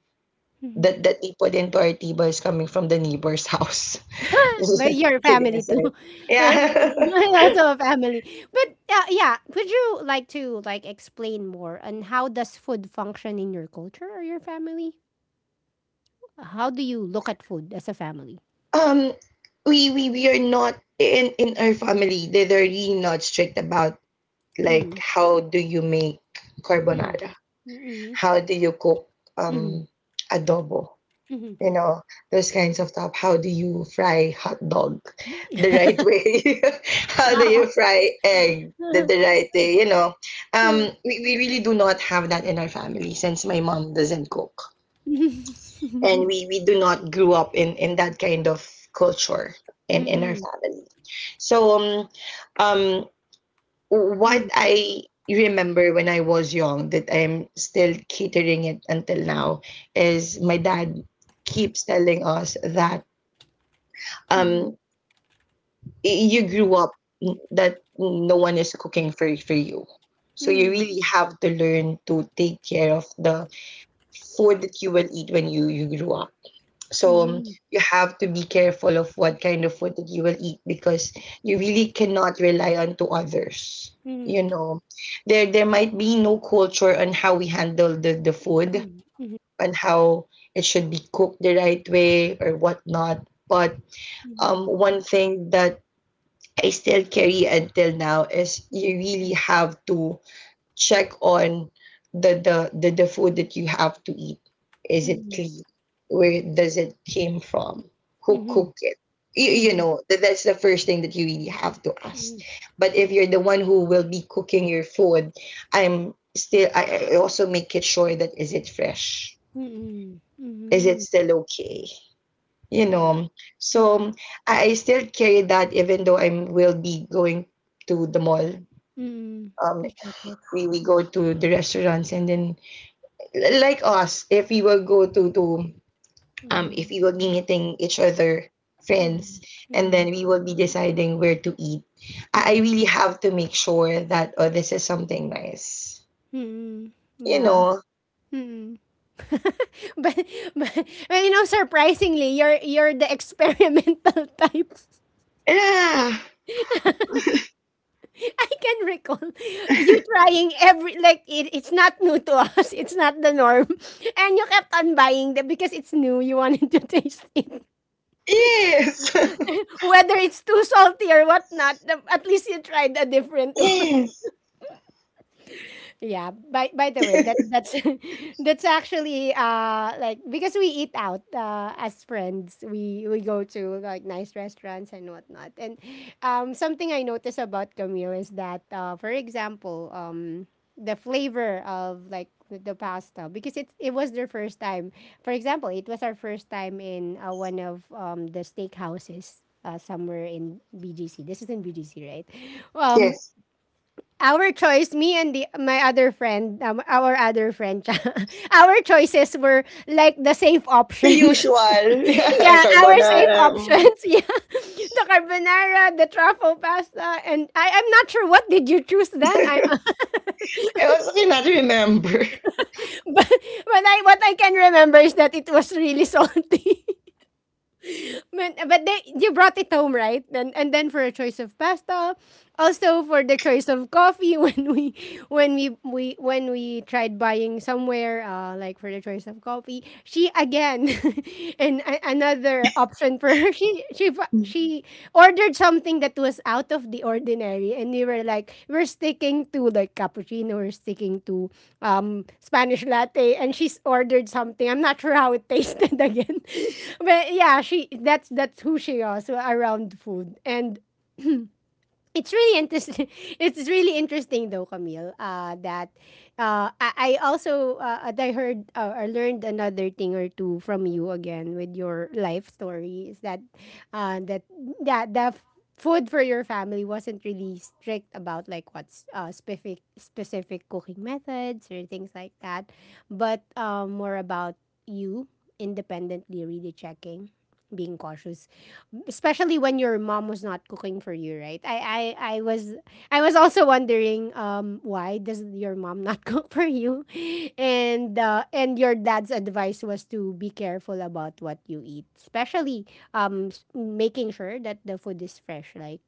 S1: Mhm.
S2: that that they put into our tea is coming from the neighbor's house. *laughs* Just
S1: But you're a
S2: kidding
S1: family too.
S2: aside.
S1: *laughs* Um,
S2: Yeah.
S1: *laughs* also a family. But yeah, would you like to like explain more on how does food function in your culture or your family? How do
S2: *laughs*
S1: you
S2: um,
S1: look at food as a family?
S2: um, we are not in in our family. They they're really not strict about like,
S1: Mm.
S2: how do you make carbonara?
S1: Mm. Mm-hmm.
S2: How do you cook
S1: Mm-hmm.
S2: um adobo?
S1: Mm-hmm.
S2: You know, those kinds of stuff. How do you fry hot dog the right way? *laughs* How do you fry egg the right way? You know,
S1: *laughs*
S2: we really do not have that in our family since my mom doesn't cook. And we do not grew up in that kind of culture in our
S1: Mm-hmm.
S2: family. So um,
S1: Mm-hmm.
S2: what I remember when I was young that I'm still catering it until now is my dad keeps telling us that
S1: Mm-hmm.
S2: um you
S1: Mm-hmm.
S2: grew up that no one is cooking for you, so you really have to learn to take care of the food that you will eat when you grew up. So
S1: Mm-hmm. Mm-hmm.
S2: you have to be careful of what kind of food that you will eat because you really cannot rely on to others,
S1: Mm-hmm.
S2: you know. There might be no culture on how we handle the food, on how it should be cooked the right way or whatnot, but one thing that I still carry until now is you really have to check on the food that you have to eat. Is
S1: Mm-hmm.
S2: it
S1: Mm-hmm.
S2: clean? Where does it came from? Who
S1: Mm-hmm.
S2: cooked it? You know, that that's the first thing that you really have to ask.
S1: Mm-hmm.
S2: But if you're the one who will be cooking your food, I'm still I also make it sure that, is it fresh?
S1: Mm,
S2: Is it
S1: mhm.
S2: still okay? You
S1: Wow.
S2: know, so
S1: Mm,
S2: I still carry that even though I will be going to the mall,
S1: mm.
S2: um
S1: You check it.
S2: we go to the restaurants, and then l- like us, if we will go to if
S1: Mm,
S2: we will be meeting each other
S1: oh,
S2: friends, and
S1: yes.
S2: then we will be deciding where to eat, I
S1: Mm,
S2: really have to make sure that, oh, this is something nice,
S1: mm.
S2: you
S1: Yeah.
S2: know.
S1: Mm. *laughs* But, but but, you know, surprisingly, you're the experimental *laughs* type.
S2: Yeah,
S1: *laughs* I can recall you trying every like it's not new to us. It's not the norm, and you kept on buying them because it's new. You wanted to *laughs* taste it,
S2: yes. *laughs*
S1: whether it's too salty or whatnot. At least you tried a different *laughs* one.
S2: yes.
S1: Yeah. By the way, that's *laughs* that's actually like because we eat out as friends, we go to like nice restaurants and whatnot. And something I notice about Camille is that for example, the flavor of like the pasta because it was their first time. For example, it was our first time in one of the steakhouses. Somewhere in BGC. This is in BGC, right? Um.
S2: Yes.
S1: Our choice, me and the my other friend, our other friend, *laughs* our choices were like the safe
S2: The
S1: options.
S2: usual
S1: *laughs*
S2: *laughs*
S1: Yeah, our safe
S2: carbonara.
S1: options. *laughs* Yeah, the carbonara, the truffle pasta, and I'm not sure what did you choose then. I *laughs*
S2: It was something I do remember.
S1: but I what I can remember is that it was really salty. *laughs* But, they you brought it home, right, and then for a choice of pasta, also for the choice of coffee *laughs* when we tried buying somewhere like for the choice of coffee she again *laughs* and another option for her *laughs* she
S2: *laughs*
S1: she ordered something that was out of the ordinary, and we were like we're sticking to like cappuccino, we're sticking to Spanish latte, and she's ordered something. I'm not sure how it tasted. *laughs* Again, but yeah, she that's who she was around food. And it's really interesting. *laughs* It's really interesting though, Camille. That I also I heard or learned another thing or two from you again with your life story. Is that uh, that that the f- food for your family wasn't really strict about like what's specific cooking methods or things like that, but more about you independently really checking, being cautious especially when your mom was not cooking for you, right? I was also wondering why does your mom not *laughs* cook for you? And your dad's advice was to be careful about what you eat, especially making sure that the food is fresh, like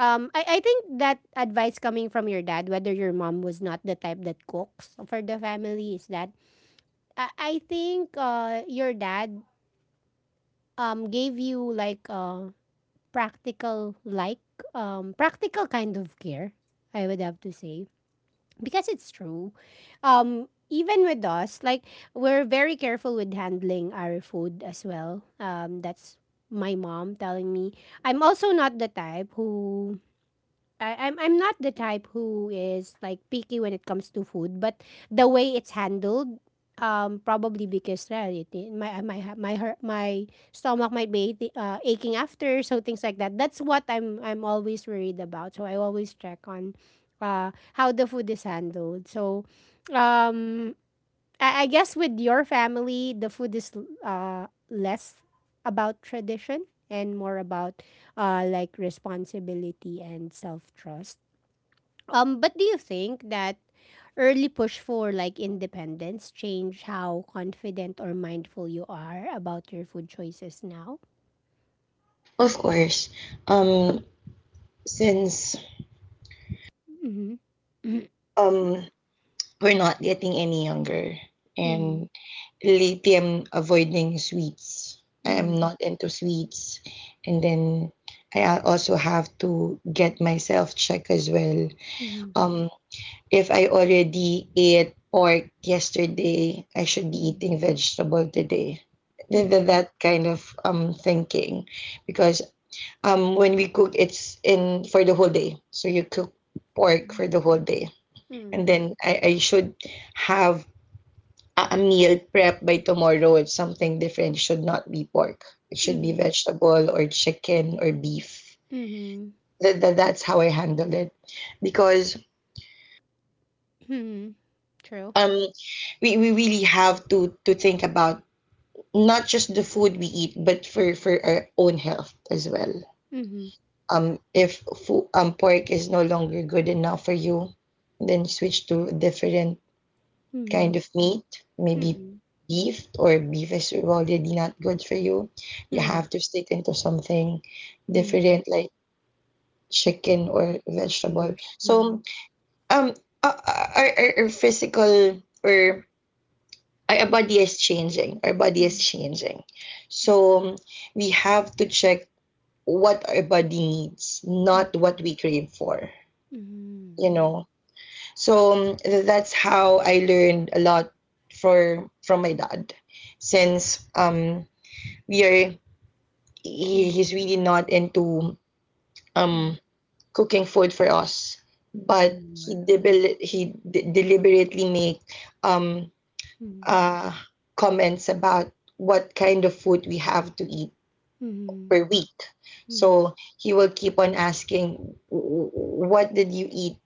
S1: I think that advice coming from your dad, whether your mom was not the type that cooks for the family, is that I think your dad gave you like practical like practical kind of care, I would have to say, because it's true. Even with us, like we're very careful with handling our food as well. That's my mom telling me. I'm also not the type who I'm not the type who is like picky when it comes to food, but the way it's handled, probably because, right, my my stomach might be aching after, so things like that. That's what I'm always worried about. So I always check on how the food is handled. So, um, I guess with your family, the food is less about tradition and more about like responsibility and self trust. But do you think that early push for like independence change how confident or mindful you are about your food choices now?
S2: Of course, um, since
S1: Mm-hmm.
S2: um we're not getting any younger,
S1: Mm-hmm.
S2: and lately I'm avoiding sweets. I am
S1: Mm-hmm.
S2: not into sweets, and then I also have to get myself checked as well.
S1: Mm-hmm.
S2: Um, if I already ate pork yesterday, I should be eating vegetable today.
S1: Mm-hmm.
S2: That kind of thinking, because um, when we cook, it's in for the whole day. So you cook pork for the whole day, and
S1: Mm-hmm.
S2: then I should have a meal prep by tomorrow. It's something different. It should not be pork. It should be vegetable or chicken or beef.
S1: Mm-hmm.
S2: That that's how I handle it, because
S1: Mm-hmm. True.
S2: um, we really have to think about not just the food we eat, but for our own health as well.
S1: Mm-hmm.
S2: If pork is no longer good enough for you, then switch to a different kind
S1: Mm-hmm.
S2: of meat. Maybe beef. Or beef is already not good for you, you
S1: Mhm,
S2: have to stick into something
S1: mhm,
S2: different, like chicken or
S1: mhm,
S2: vegetable.
S1: fish, mhm,
S2: So um our, our physical or our
S1: mhm,
S2: body is changing. our body is
S1: mhm,
S2: changing so we have to check what our body needs, not what
S1: mhm,
S2: we crave for,
S1: mhm,
S2: you know. So that's how I learned a lot for from my dad, since we are, he,
S1: mhm,
S2: he's really not into um
S1: mhm,
S2: cooking food for us, but he
S1: anymore, mhm,
S2: debel he d- deliberately make um
S1: mhm,
S2: uh comments about what kind of food we have to eat
S1: mhm,
S2: per week.
S1: mhm,
S2: So he will keep on asking, What did you eat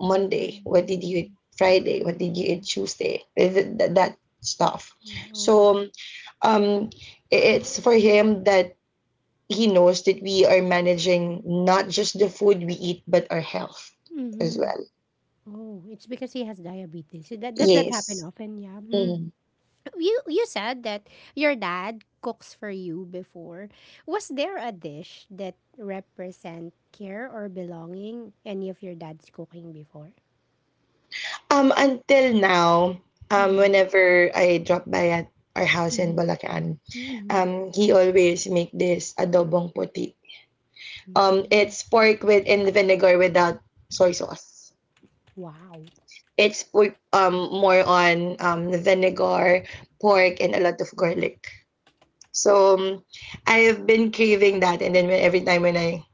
S2: Monday? What did
S1: mhm,
S2: you eat Friday? What did you
S1: mhm,
S2: eat
S1: mhm,
S2: Tuesday? Eh, that stuff.
S1: Oh,
S2: So um, it's for him that he knows that we are managing not just the food we eat, but our health as
S1: mhm.
S2: well.
S1: Oh, it's because he has diabetes. So that does that
S2: Yes.
S1: happen often? Yeah. Mm.
S2: Mm.
S1: You said that your dad cooks for you before. Was there a dish that represent care or belonging? Any of your dad's cooking before?
S2: Until now,
S1: Mm-hmm.
S2: whenever I drop by at our house in Balacan,
S1: Mm-hmm.
S2: he always make this adobong puti.
S1: อืม
S2: It's pork with in vinegar without soy sauce.
S1: ว้าว
S2: It's more on vinegar, pork, and a lot of garlic. So I've been craving that, and then when, every time when I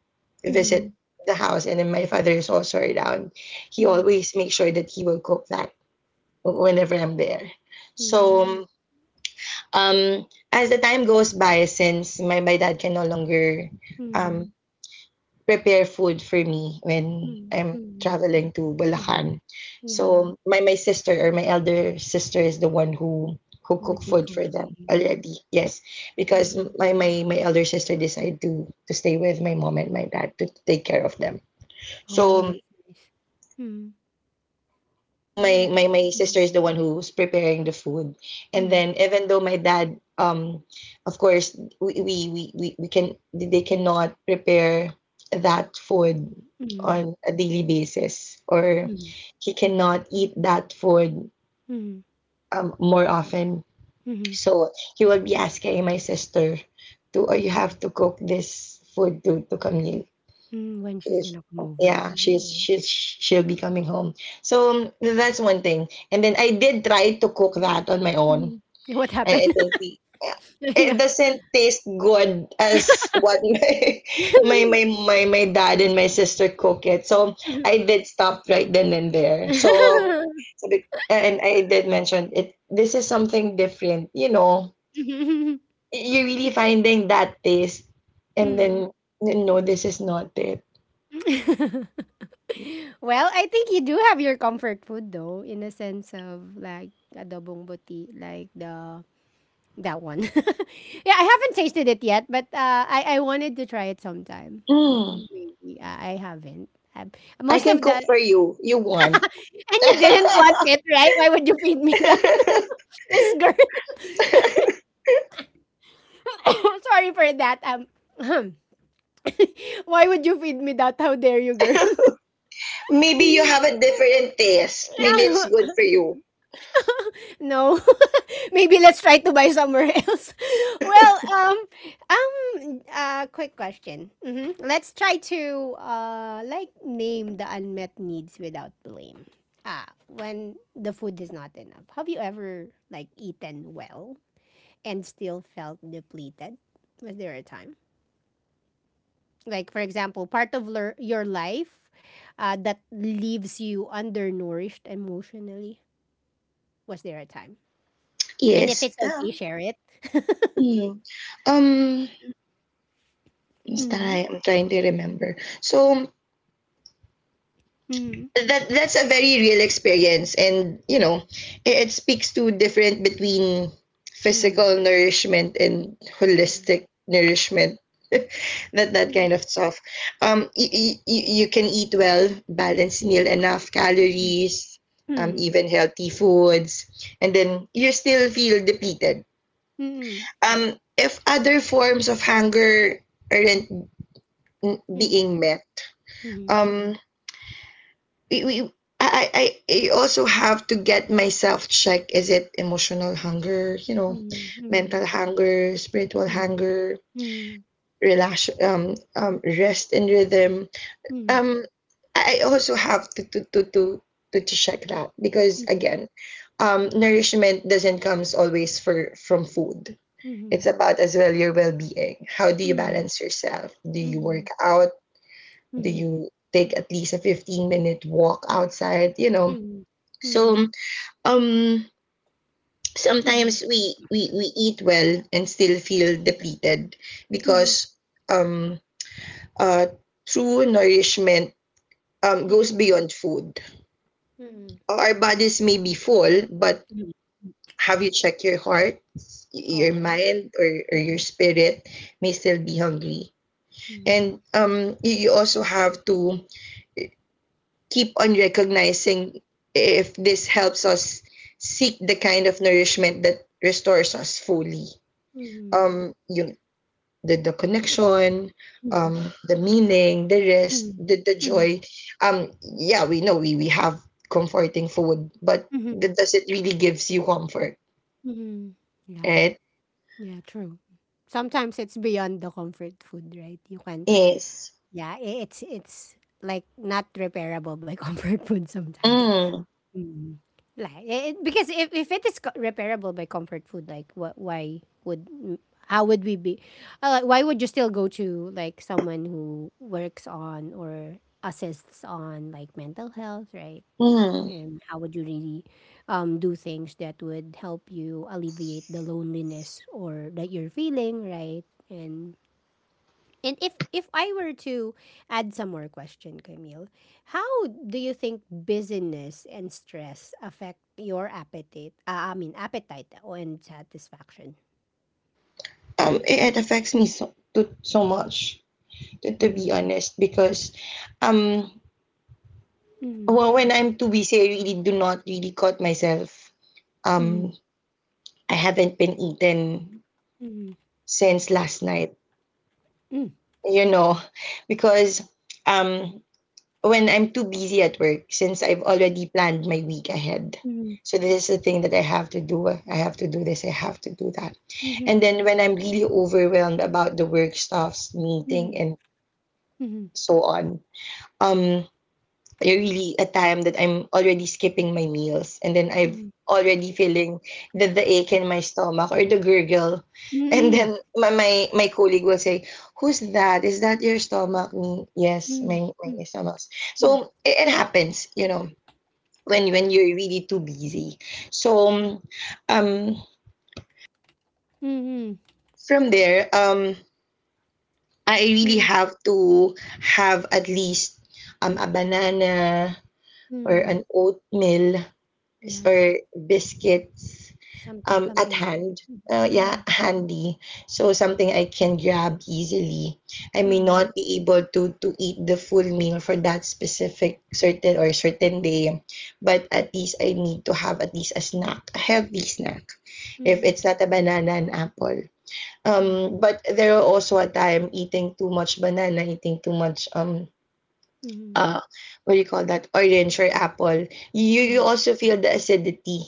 S1: อือฮึ
S2: visit the house, and then my father is also around, he
S1: Mm,
S2: always makes sure that he will cook that whenever I'm there. So
S1: mm,
S2: um, as the time goes by, since my dad can no longer um
S1: mm,
S2: prepare food for me
S1: mm,
S2: when
S1: mm,
S2: I'm
S1: mhm. Mhm,
S2: traveling to
S1: mhm, mhm.
S2: Bulacan.
S1: Yeah,
S2: So my sister or my elder sister is the one who
S1: I would
S2: cook
S1: be
S2: food for them
S1: cooking.
S2: already. Yes, because
S1: Um,
S2: my elder sister decided to stay with my mom and my dad to take care of them.
S1: oh,
S2: So
S1: that's nice. Mm,
S2: so
S1: go
S2: my
S1: ahead.
S2: my my sister
S1: Mm,
S2: is the one who's preparing the food, and
S1: mm,
S2: then even though my dad, of course, we can they cannot prepare that food
S1: mm,
S2: on a daily basis,
S1: mm,
S2: or
S1: mm,
S2: he cannot eat that food
S1: mm,
S2: more often.
S1: mhm,
S2: So he will be asking my sister or you have to cook this food to Camille.
S1: mm, when she's
S2: Yes.
S1: gonna come over.
S2: Yeah,
S1: Oh.
S2: she'll be coming home. So that's one thing. And then I did try to cook that on my own.
S1: Mhm. What happened?
S2: I think
S1: *laughs*
S2: yeah, it
S1: Yeah.
S2: doesn't taste good as what *laughs* my dad and my sister cook it. So I
S1: *laughs*
S2: did stop right then and there. So,
S1: *laughs*
S2: so be- and I did mention it. This is something different. You know,
S1: Mhm.
S2: you're really finding that taste, and
S1: Mhm.
S2: then no, this is not it.
S1: *laughs* Well, I think you do have your comfort food though, in a sense of like adobong buti, like the that one. *laughs* Yeah, I haven't tasted it yet, but I wanted to try it sometime.
S2: Mm.
S1: Maybe I haven't. Um,
S2: I
S1: most
S2: can
S1: of
S2: cook
S1: the
S2: for you. You want.
S1: and you didn't want
S2: *laughs*
S1: it, right? Why would you feed me that? *laughs* This girl. *coughs* Sorry for that. *clears throat* Why would you feed me that? How dare you, girl?
S2: Maybe you have a different taste. Maybe it's good
S1: *laughs*
S2: for you.
S1: No. *laughs* Maybe let's try to buy somewhere else. *laughs* Well, um, quick question. Hmm. Let's try to like name the unmet needs without blame. Ah, when the food is not enough. Have you ever like eaten well and still felt depleted? Was there a time? Like for example, part of your life that leaves you undernourished emotionally. Was there a time? And if
S2: Yes.
S1: it's okay, share it. *laughs*
S2: Mm, um, basta,
S1: Mm-hmm.
S2: I'm trying to remember. So, that's a very real experience, and it speaks to different between
S1: Mhm.
S2: physical nourishment and holistic nourishment *laughs* that
S1: Mhm.
S2: kind of stuff. Um you, you, you can eat well balanced meal, enough
S1: Mhm.
S2: calories,
S1: Hmm.
S2: even healthy foods, and then you still feel depleted
S1: Hmm.
S2: if other forms of hunger aren't
S1: Mm.
S2: being met. Um we, we I, I I also have to get myself checked. Is it emotional hunger,
S1: Mm. Mhm.
S2: mental hunger, spiritual hunger,
S1: Mhm.
S2: relax rest and rhythm.
S1: Mhm.
S2: Um I also have to check that, because
S1: Mhm.
S2: again, nourishment doesn't comes always for from food.
S1: Mhm.
S2: It's about as well your well being. How do you
S1: Mhm.
S2: balance yourself? Do you work
S1: Mhm.
S2: out?
S1: Mhm.
S2: Do
S1: Mhm.
S2: you take at least a 15-minute walk outside?
S1: Mhm.
S2: So um
S1: Mhm.
S2: sometimes we eat well and still feel depleted,
S1: Mhm. Mhm. Mhm. Mhm.
S2: because um uh true nourishment goes
S1: Mhm.
S2: beyond food.
S1: Mhm.
S2: Our bodies may be full, but
S1: Mhm.
S2: have you checked your heart, your
S1: Oh.
S2: mind or your
S1: Mhm.
S2: spirit may still be hungry. And
S1: Mhm.
S2: you also have to keep on recognizing if this helps us seek the kind of nourishment that restores us fully.
S1: Mhm.
S2: um you the connection, um
S1: Mhm.
S2: the meaning, the rest,
S1: Mhm.
S2: the
S1: Mhm.
S2: joy. Yeah, we know, we have comforting food, but
S1: Mhm.
S2: does it really gives you comfort?
S1: Mhm. Yeah.
S2: Right?
S1: Yeah, true. Sometimes it's beyond the comfort food, right? You can't.
S2: Yes.
S1: Yeah, it's like not repairable by *laughs* comfort food sometimes.
S2: Mm,
S1: Mm. Like, because if it is repairable by comfort food, like what? Why would? How would we be? Why would you still go to like someone who works on or assists on like mental health, right?
S2: mm.
S1: And how would you really do things that would help you alleviate the loneliness or that you're feeling, right? And if I were to add some more question, Camille, how do you think busyness and stress affect your appetite? I mean, appetite and satisfaction.
S2: It affects me so much, to be
S1: Mhm.
S2: honest, because um
S1: Mhm.
S2: well, when I'm too busy, I really do not really caught myself.
S1: Mhm.
S2: um I haven't been eaten
S1: Mhm.
S2: since last night
S1: Mhm.
S2: you know, because um when I'm too busy at work, since I've already planned my week ahead. So this is the thing that I have to do. I have to do this, I have to do that. And then when I'm really overwhelmed about the work stuffs, meeting
S1: Mhm.
S2: and
S1: Mhm.
S2: so on, um really a time that I'm already skipping my meals, and then I've
S1: Mhm.
S2: already feeling the ache in my stomach or the gurgle. And
S1: Mhm.
S2: then my colleague will say, who's that? Is that your stomach? Me,
S1: Mhm.
S2: yes,
S1: Mhm.
S2: my,
S1: Mhm.
S2: my
S1: Mhm.
S2: stomach. So it happens, when you're really too busy. So um
S1: Mhm. Mhm.
S2: from there, I really
S1: Mhm.
S2: have to have at least a banana or
S1: Mhm.
S2: an oatmeal
S1: Yeah,
S2: or biscuits um, at
S1: something like.
S2: hand. Yeah,
S1: Mhm.
S2: handy. So something I can grab easily. I may
S1: Mhm.
S2: not be able to eat the full meal for that specific certain or certain day, but at least I need to have at least a snack, a healthy snack.
S1: Mhm.
S2: If
S1: Mhm.
S2: it's not a banana and apple. Um,
S1: Mhm.
S2: but there are also a time eating too much banana, eating too much
S1: Mhm.
S2: uh what do you call that, orange or apple. You
S1: Mhm.
S2: also feel the acidity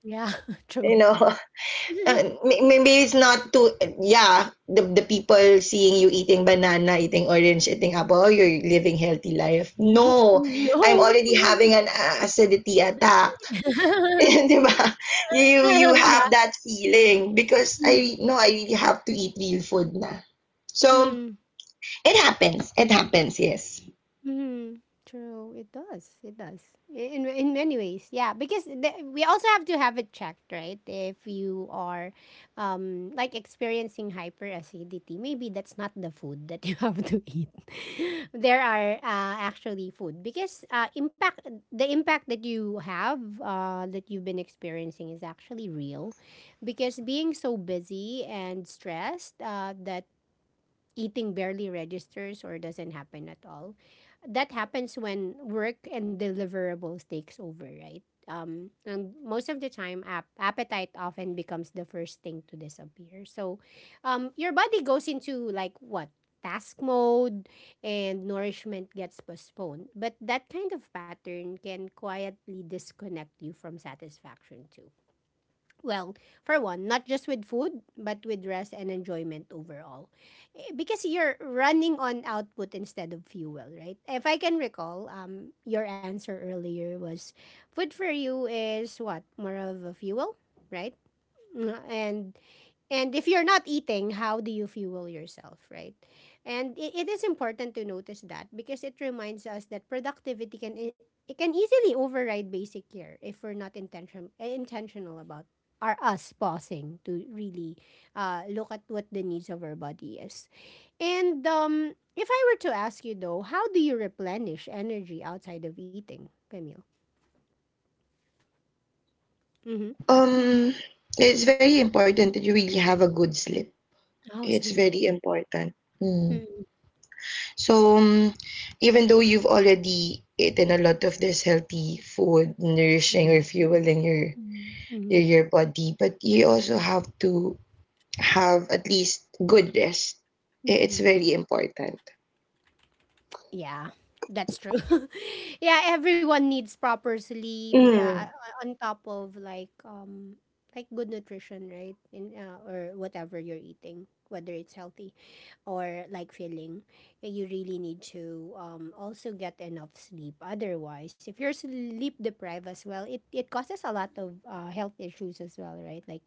S1: Yeah, *laughs*
S2: you
S1: true.
S2: know *laughs* uh,
S1: *laughs*
S2: maybe it's not too yeah, the people seeing you eating banana, eating orange, eating apple, oh, you're living healthy life,
S1: *laughs*
S2: no, I'm already
S1: No.
S2: having an acidity attack *laughs*
S1: *laughs*
S2: Di ba? You
S1: Yeah.
S2: have that feeling because
S1: Mm,
S2: I know I really have to eat real food na. So
S1: mm.
S2: it happens, it happens, yes.
S1: Mm, true. It does. It does. In many ways, yeah. Because we also have to have it checked, right? If you are, like experiencing hyperacidity, maybe that's not the food that you *laughs* have to eat. *laughs* There are actually food because impact that you have that you've been experiencing is actually real, because being so busy and stressed that eating barely registers or doesn't happen at all. That happens when work and deliverables takes over, right? And most of the time, appetite often becomes the first thing to disappear. So, your body goes into like what task mode, and nourishment gets postponed. But that kind of pattern can quietly disconnect you from satisfaction too. Well, for one, not just with food, but with rest and enjoyment overall. Because you're running on output instead of fuel, right? If I can recall, your answer earlier was food for you is what? More of a fuel, right? Mm. And if you're not eating, how do you fuel yourself, right? And it is important to notice that because it reminds us that productivity it can easily override basic care if we're not intentional about are us pausing to really look at what the needs of our body is. And if I were to ask you though, how do you replenish energy outside of eating, Camille? Mm-hmm.
S2: um it's very important that you really have a good sleep.
S1: Oh,
S2: It's
S1: sleep.
S2: very
S1: Yeah.
S2: important. Hmm.
S1: Mm-hmm.
S2: So, even though you've already eaten a lot of this healthy food, nourishing
S1: Mm.
S2: or fueling your your body, but you also have to have at least good rest. It's
S1: Mm-hmm.
S2: very important.
S1: Yeah, that's true. *laughs* Yeah, everyone needs proper sleep. Yeah,
S2: Mm,
S1: on top of like good nutrition, right? In or whatever you're eating, whether it's healthy or like filling, yeah, you really need to also get enough sleep. Otherwise, if you're sleep deprived as well, it causes a lot of health issues as well, right? Like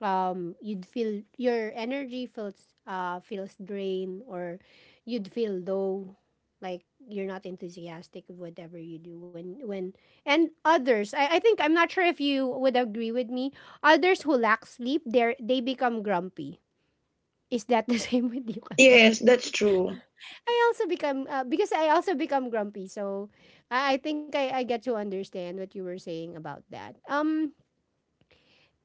S1: you'd feel your energy feels drained or you'd feel low, like you're not enthusiastic of whatever you do when and others, I think I'm not sure if you would agree with me, others who lack sleep they become grumpy. Is that the *laughs* same with you, Cami?
S2: yes, that's true.
S1: I also become because I also become grumpy. So I think I get to understand what you were saying about that.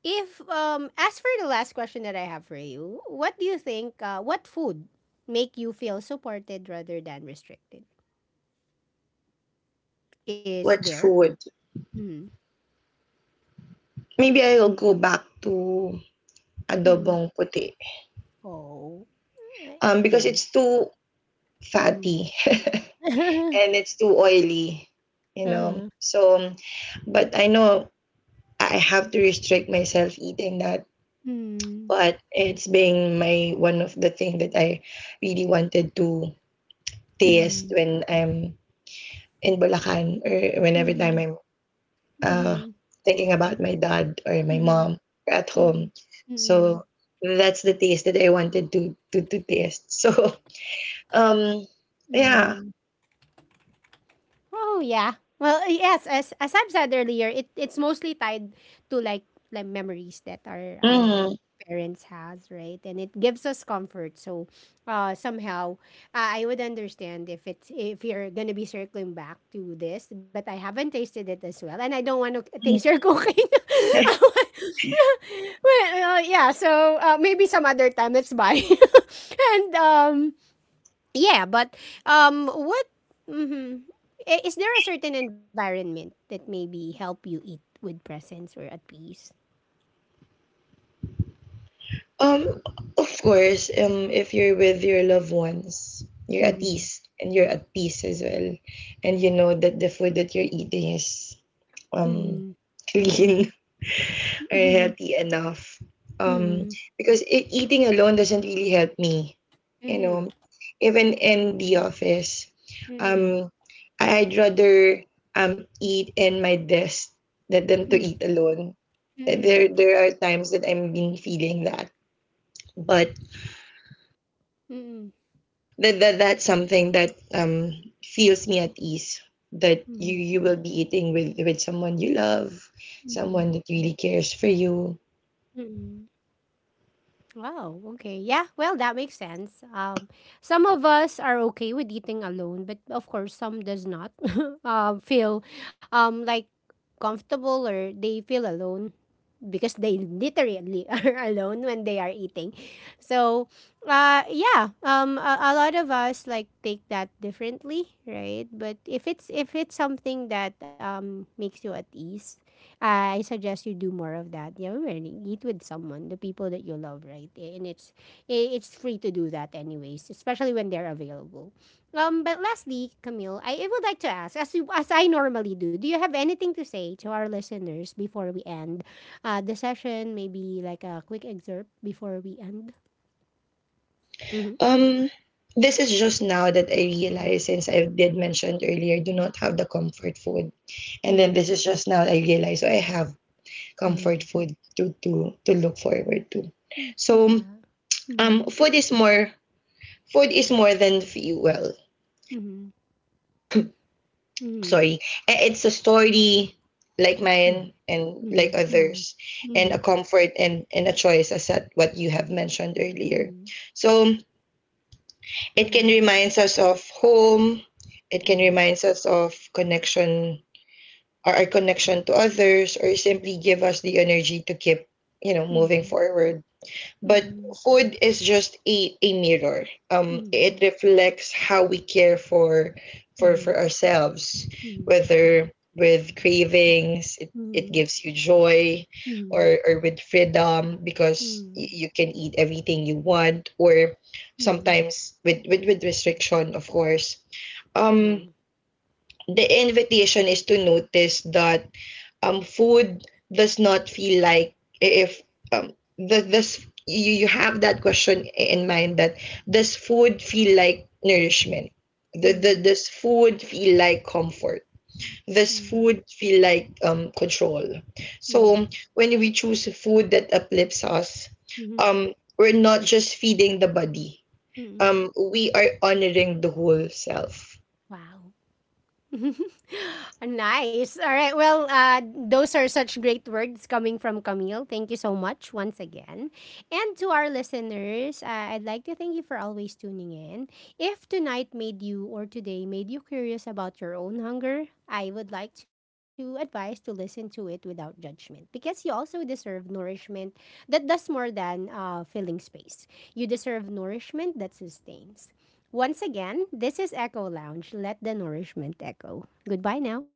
S1: If As for the last question that I have for you, what do you think what food make you feel supported rather than restricted? Is
S2: What's
S1: there?
S2: food?
S1: Mm.
S2: Maybe I'll go back to
S1: Mm.
S2: adobong puti.
S1: Oh. Uh,
S2: Because
S1: yes.
S2: it's too
S1: Mm.
S2: fatty
S1: *laughs*
S2: *laughs* and it's too oily, you
S1: uh-huh.
S2: know. So, but I know I have to restrict myself eating that.
S1: Mm.
S2: But it's been my one of the thing that I really wanted to taste
S1: Mm.
S2: when I'm in Bulacan or whenever
S1: Mm.
S2: time I'm uh,
S1: Mm.
S2: thinking about my dad or my
S1: Mm.
S2: mom at home.
S1: Mm. Mm.
S2: So
S1: Mm.
S2: that's the taste that I wanted to taste. *laughs* So um yeah.
S1: Mm. Oh yeah. Well, yes. As I've said earlier, it's mostly tied to like memories that our
S2: Mm,
S1: parents has, right? And it gives us comfort. So, somehow, I would understand if it's if you're gonna be circling back to this, but I haven't tasted it as well, and I don't want to *laughs* taste
S2: mm.
S1: your cooking. *laughs* Well, yeah. So maybe some other time. Let's buy. *laughs* And yeah, but what? Mhm. I- is there a certain environment that maybe help you eat with presence or at peace?
S2: Um, of course, if you're with your loved ones, you're at
S1: Mm-hmm.
S2: ease and you're at peace as well. And you know that the food that you're eating is um
S1: Mm-hmm.
S2: clean *laughs* or
S1: Mm-hmm.
S2: healthy enough. Um,
S1: Mm-hmm.
S2: because eating alone doesn't really help me. You know,
S1: Mm-hmm.
S2: even in the office,
S1: Mm-hmm.
S2: um, would rather eat in my desk than to eat alone.
S1: Mm-hmm.
S2: There are times that I'm been feeling that, but that's something that feels me at ease, that
S1: Mm-hmm.
S2: you will be eating with someone you love, someone that really cares for you.
S1: Mm-hmm. Wow. Okay. Yeah. Well, that makes sense. Some of us are okay with eating alone, but of course, some does not. *laughs* um, feel, like comfortable or they feel alone because they literally *laughs* are alone when they are eating. So, yeah, a lot of us like take that differently, right? But if it's something that makes you at ease, I suggest you do more of that. Yeah, really eat with someone, the people that you love, right? And it's free to do that anyways, especially when they're available. But lastly, Camille, I would like to ask, as I normally do, do you have anything to say to our listeners before we end the session, maybe like a quick excerpt before we end. Mm-hmm.
S2: Um this is just now that I realize, since I did mention earlier, I do not have the comfort food, and
S1: Mm-hmm.
S2: then this is just now I realize, so I have
S1: Mm-hmm.
S2: comfort food to look forward to.
S1: Mm,
S2: So
S1: yeah. Mm-hmm.
S2: food is more than fuel.
S1: Mm-hmm.
S2: Sorry. It's a story like
S1: Mm-hmm.
S2: mine
S1: Mm-hmm.
S2: and like
S1: Mm-hmm. Mm-hmm.
S2: others, and
S1: Mm-hmm.
S2: a comfort and a choice as at what you have mentioned earlier. So it can
S1: Mm-hmm.
S2: remind us of home, it can
S1: Yeah.
S2: remind us of connection or our connection to others, or simply give us the energy to keep moving
S1: Mm-hmm.
S2: forward. But
S1: Mm-hmm.
S2: food is just a mirror. It reflects how we care for for
S1: Mm-hmm. Mm-hmm.
S2: for ourselves, whether with cravings, it,
S1: Mm-hmm.
S2: it
S1: Mm-hmm.
S2: gives you joy,
S1: Mm-hmm.
S2: or with freedom because
S1: Mm-hmm.
S2: you can eat everything you want, or
S1: Mm-hmm.
S2: sometimes with with restriction, of course. Um,
S1: Uh-huh.
S2: the invitation is to notice that food does not feel like if um does this you have that question in mind that, does food feel like nourishment, the
S1: Mm-hmm.
S2: does food feel like comfort, does
S1: Mm-hmm.
S2: food feel like control. So when we choose food that uplifts us,
S1: Mm-hmm.
S2: we're not just feeding the body.
S1: Mm-hmm.
S2: We are honoring the whole self.
S1: Wow. *laughs* Nice. All right. Well, those are such great words coming from Camille. Thank you so much once again. And to our listeners, I'd like to thank you for always tuning in. If tonight made you or today made you curious about your own hunger, I would like to advise to listen to it without judgment because you also deserve nourishment that does more than filling space. You deserve nourishment that sustains. Once again, this is Echo Lounge. Let the nourishment echo. Goodbye now.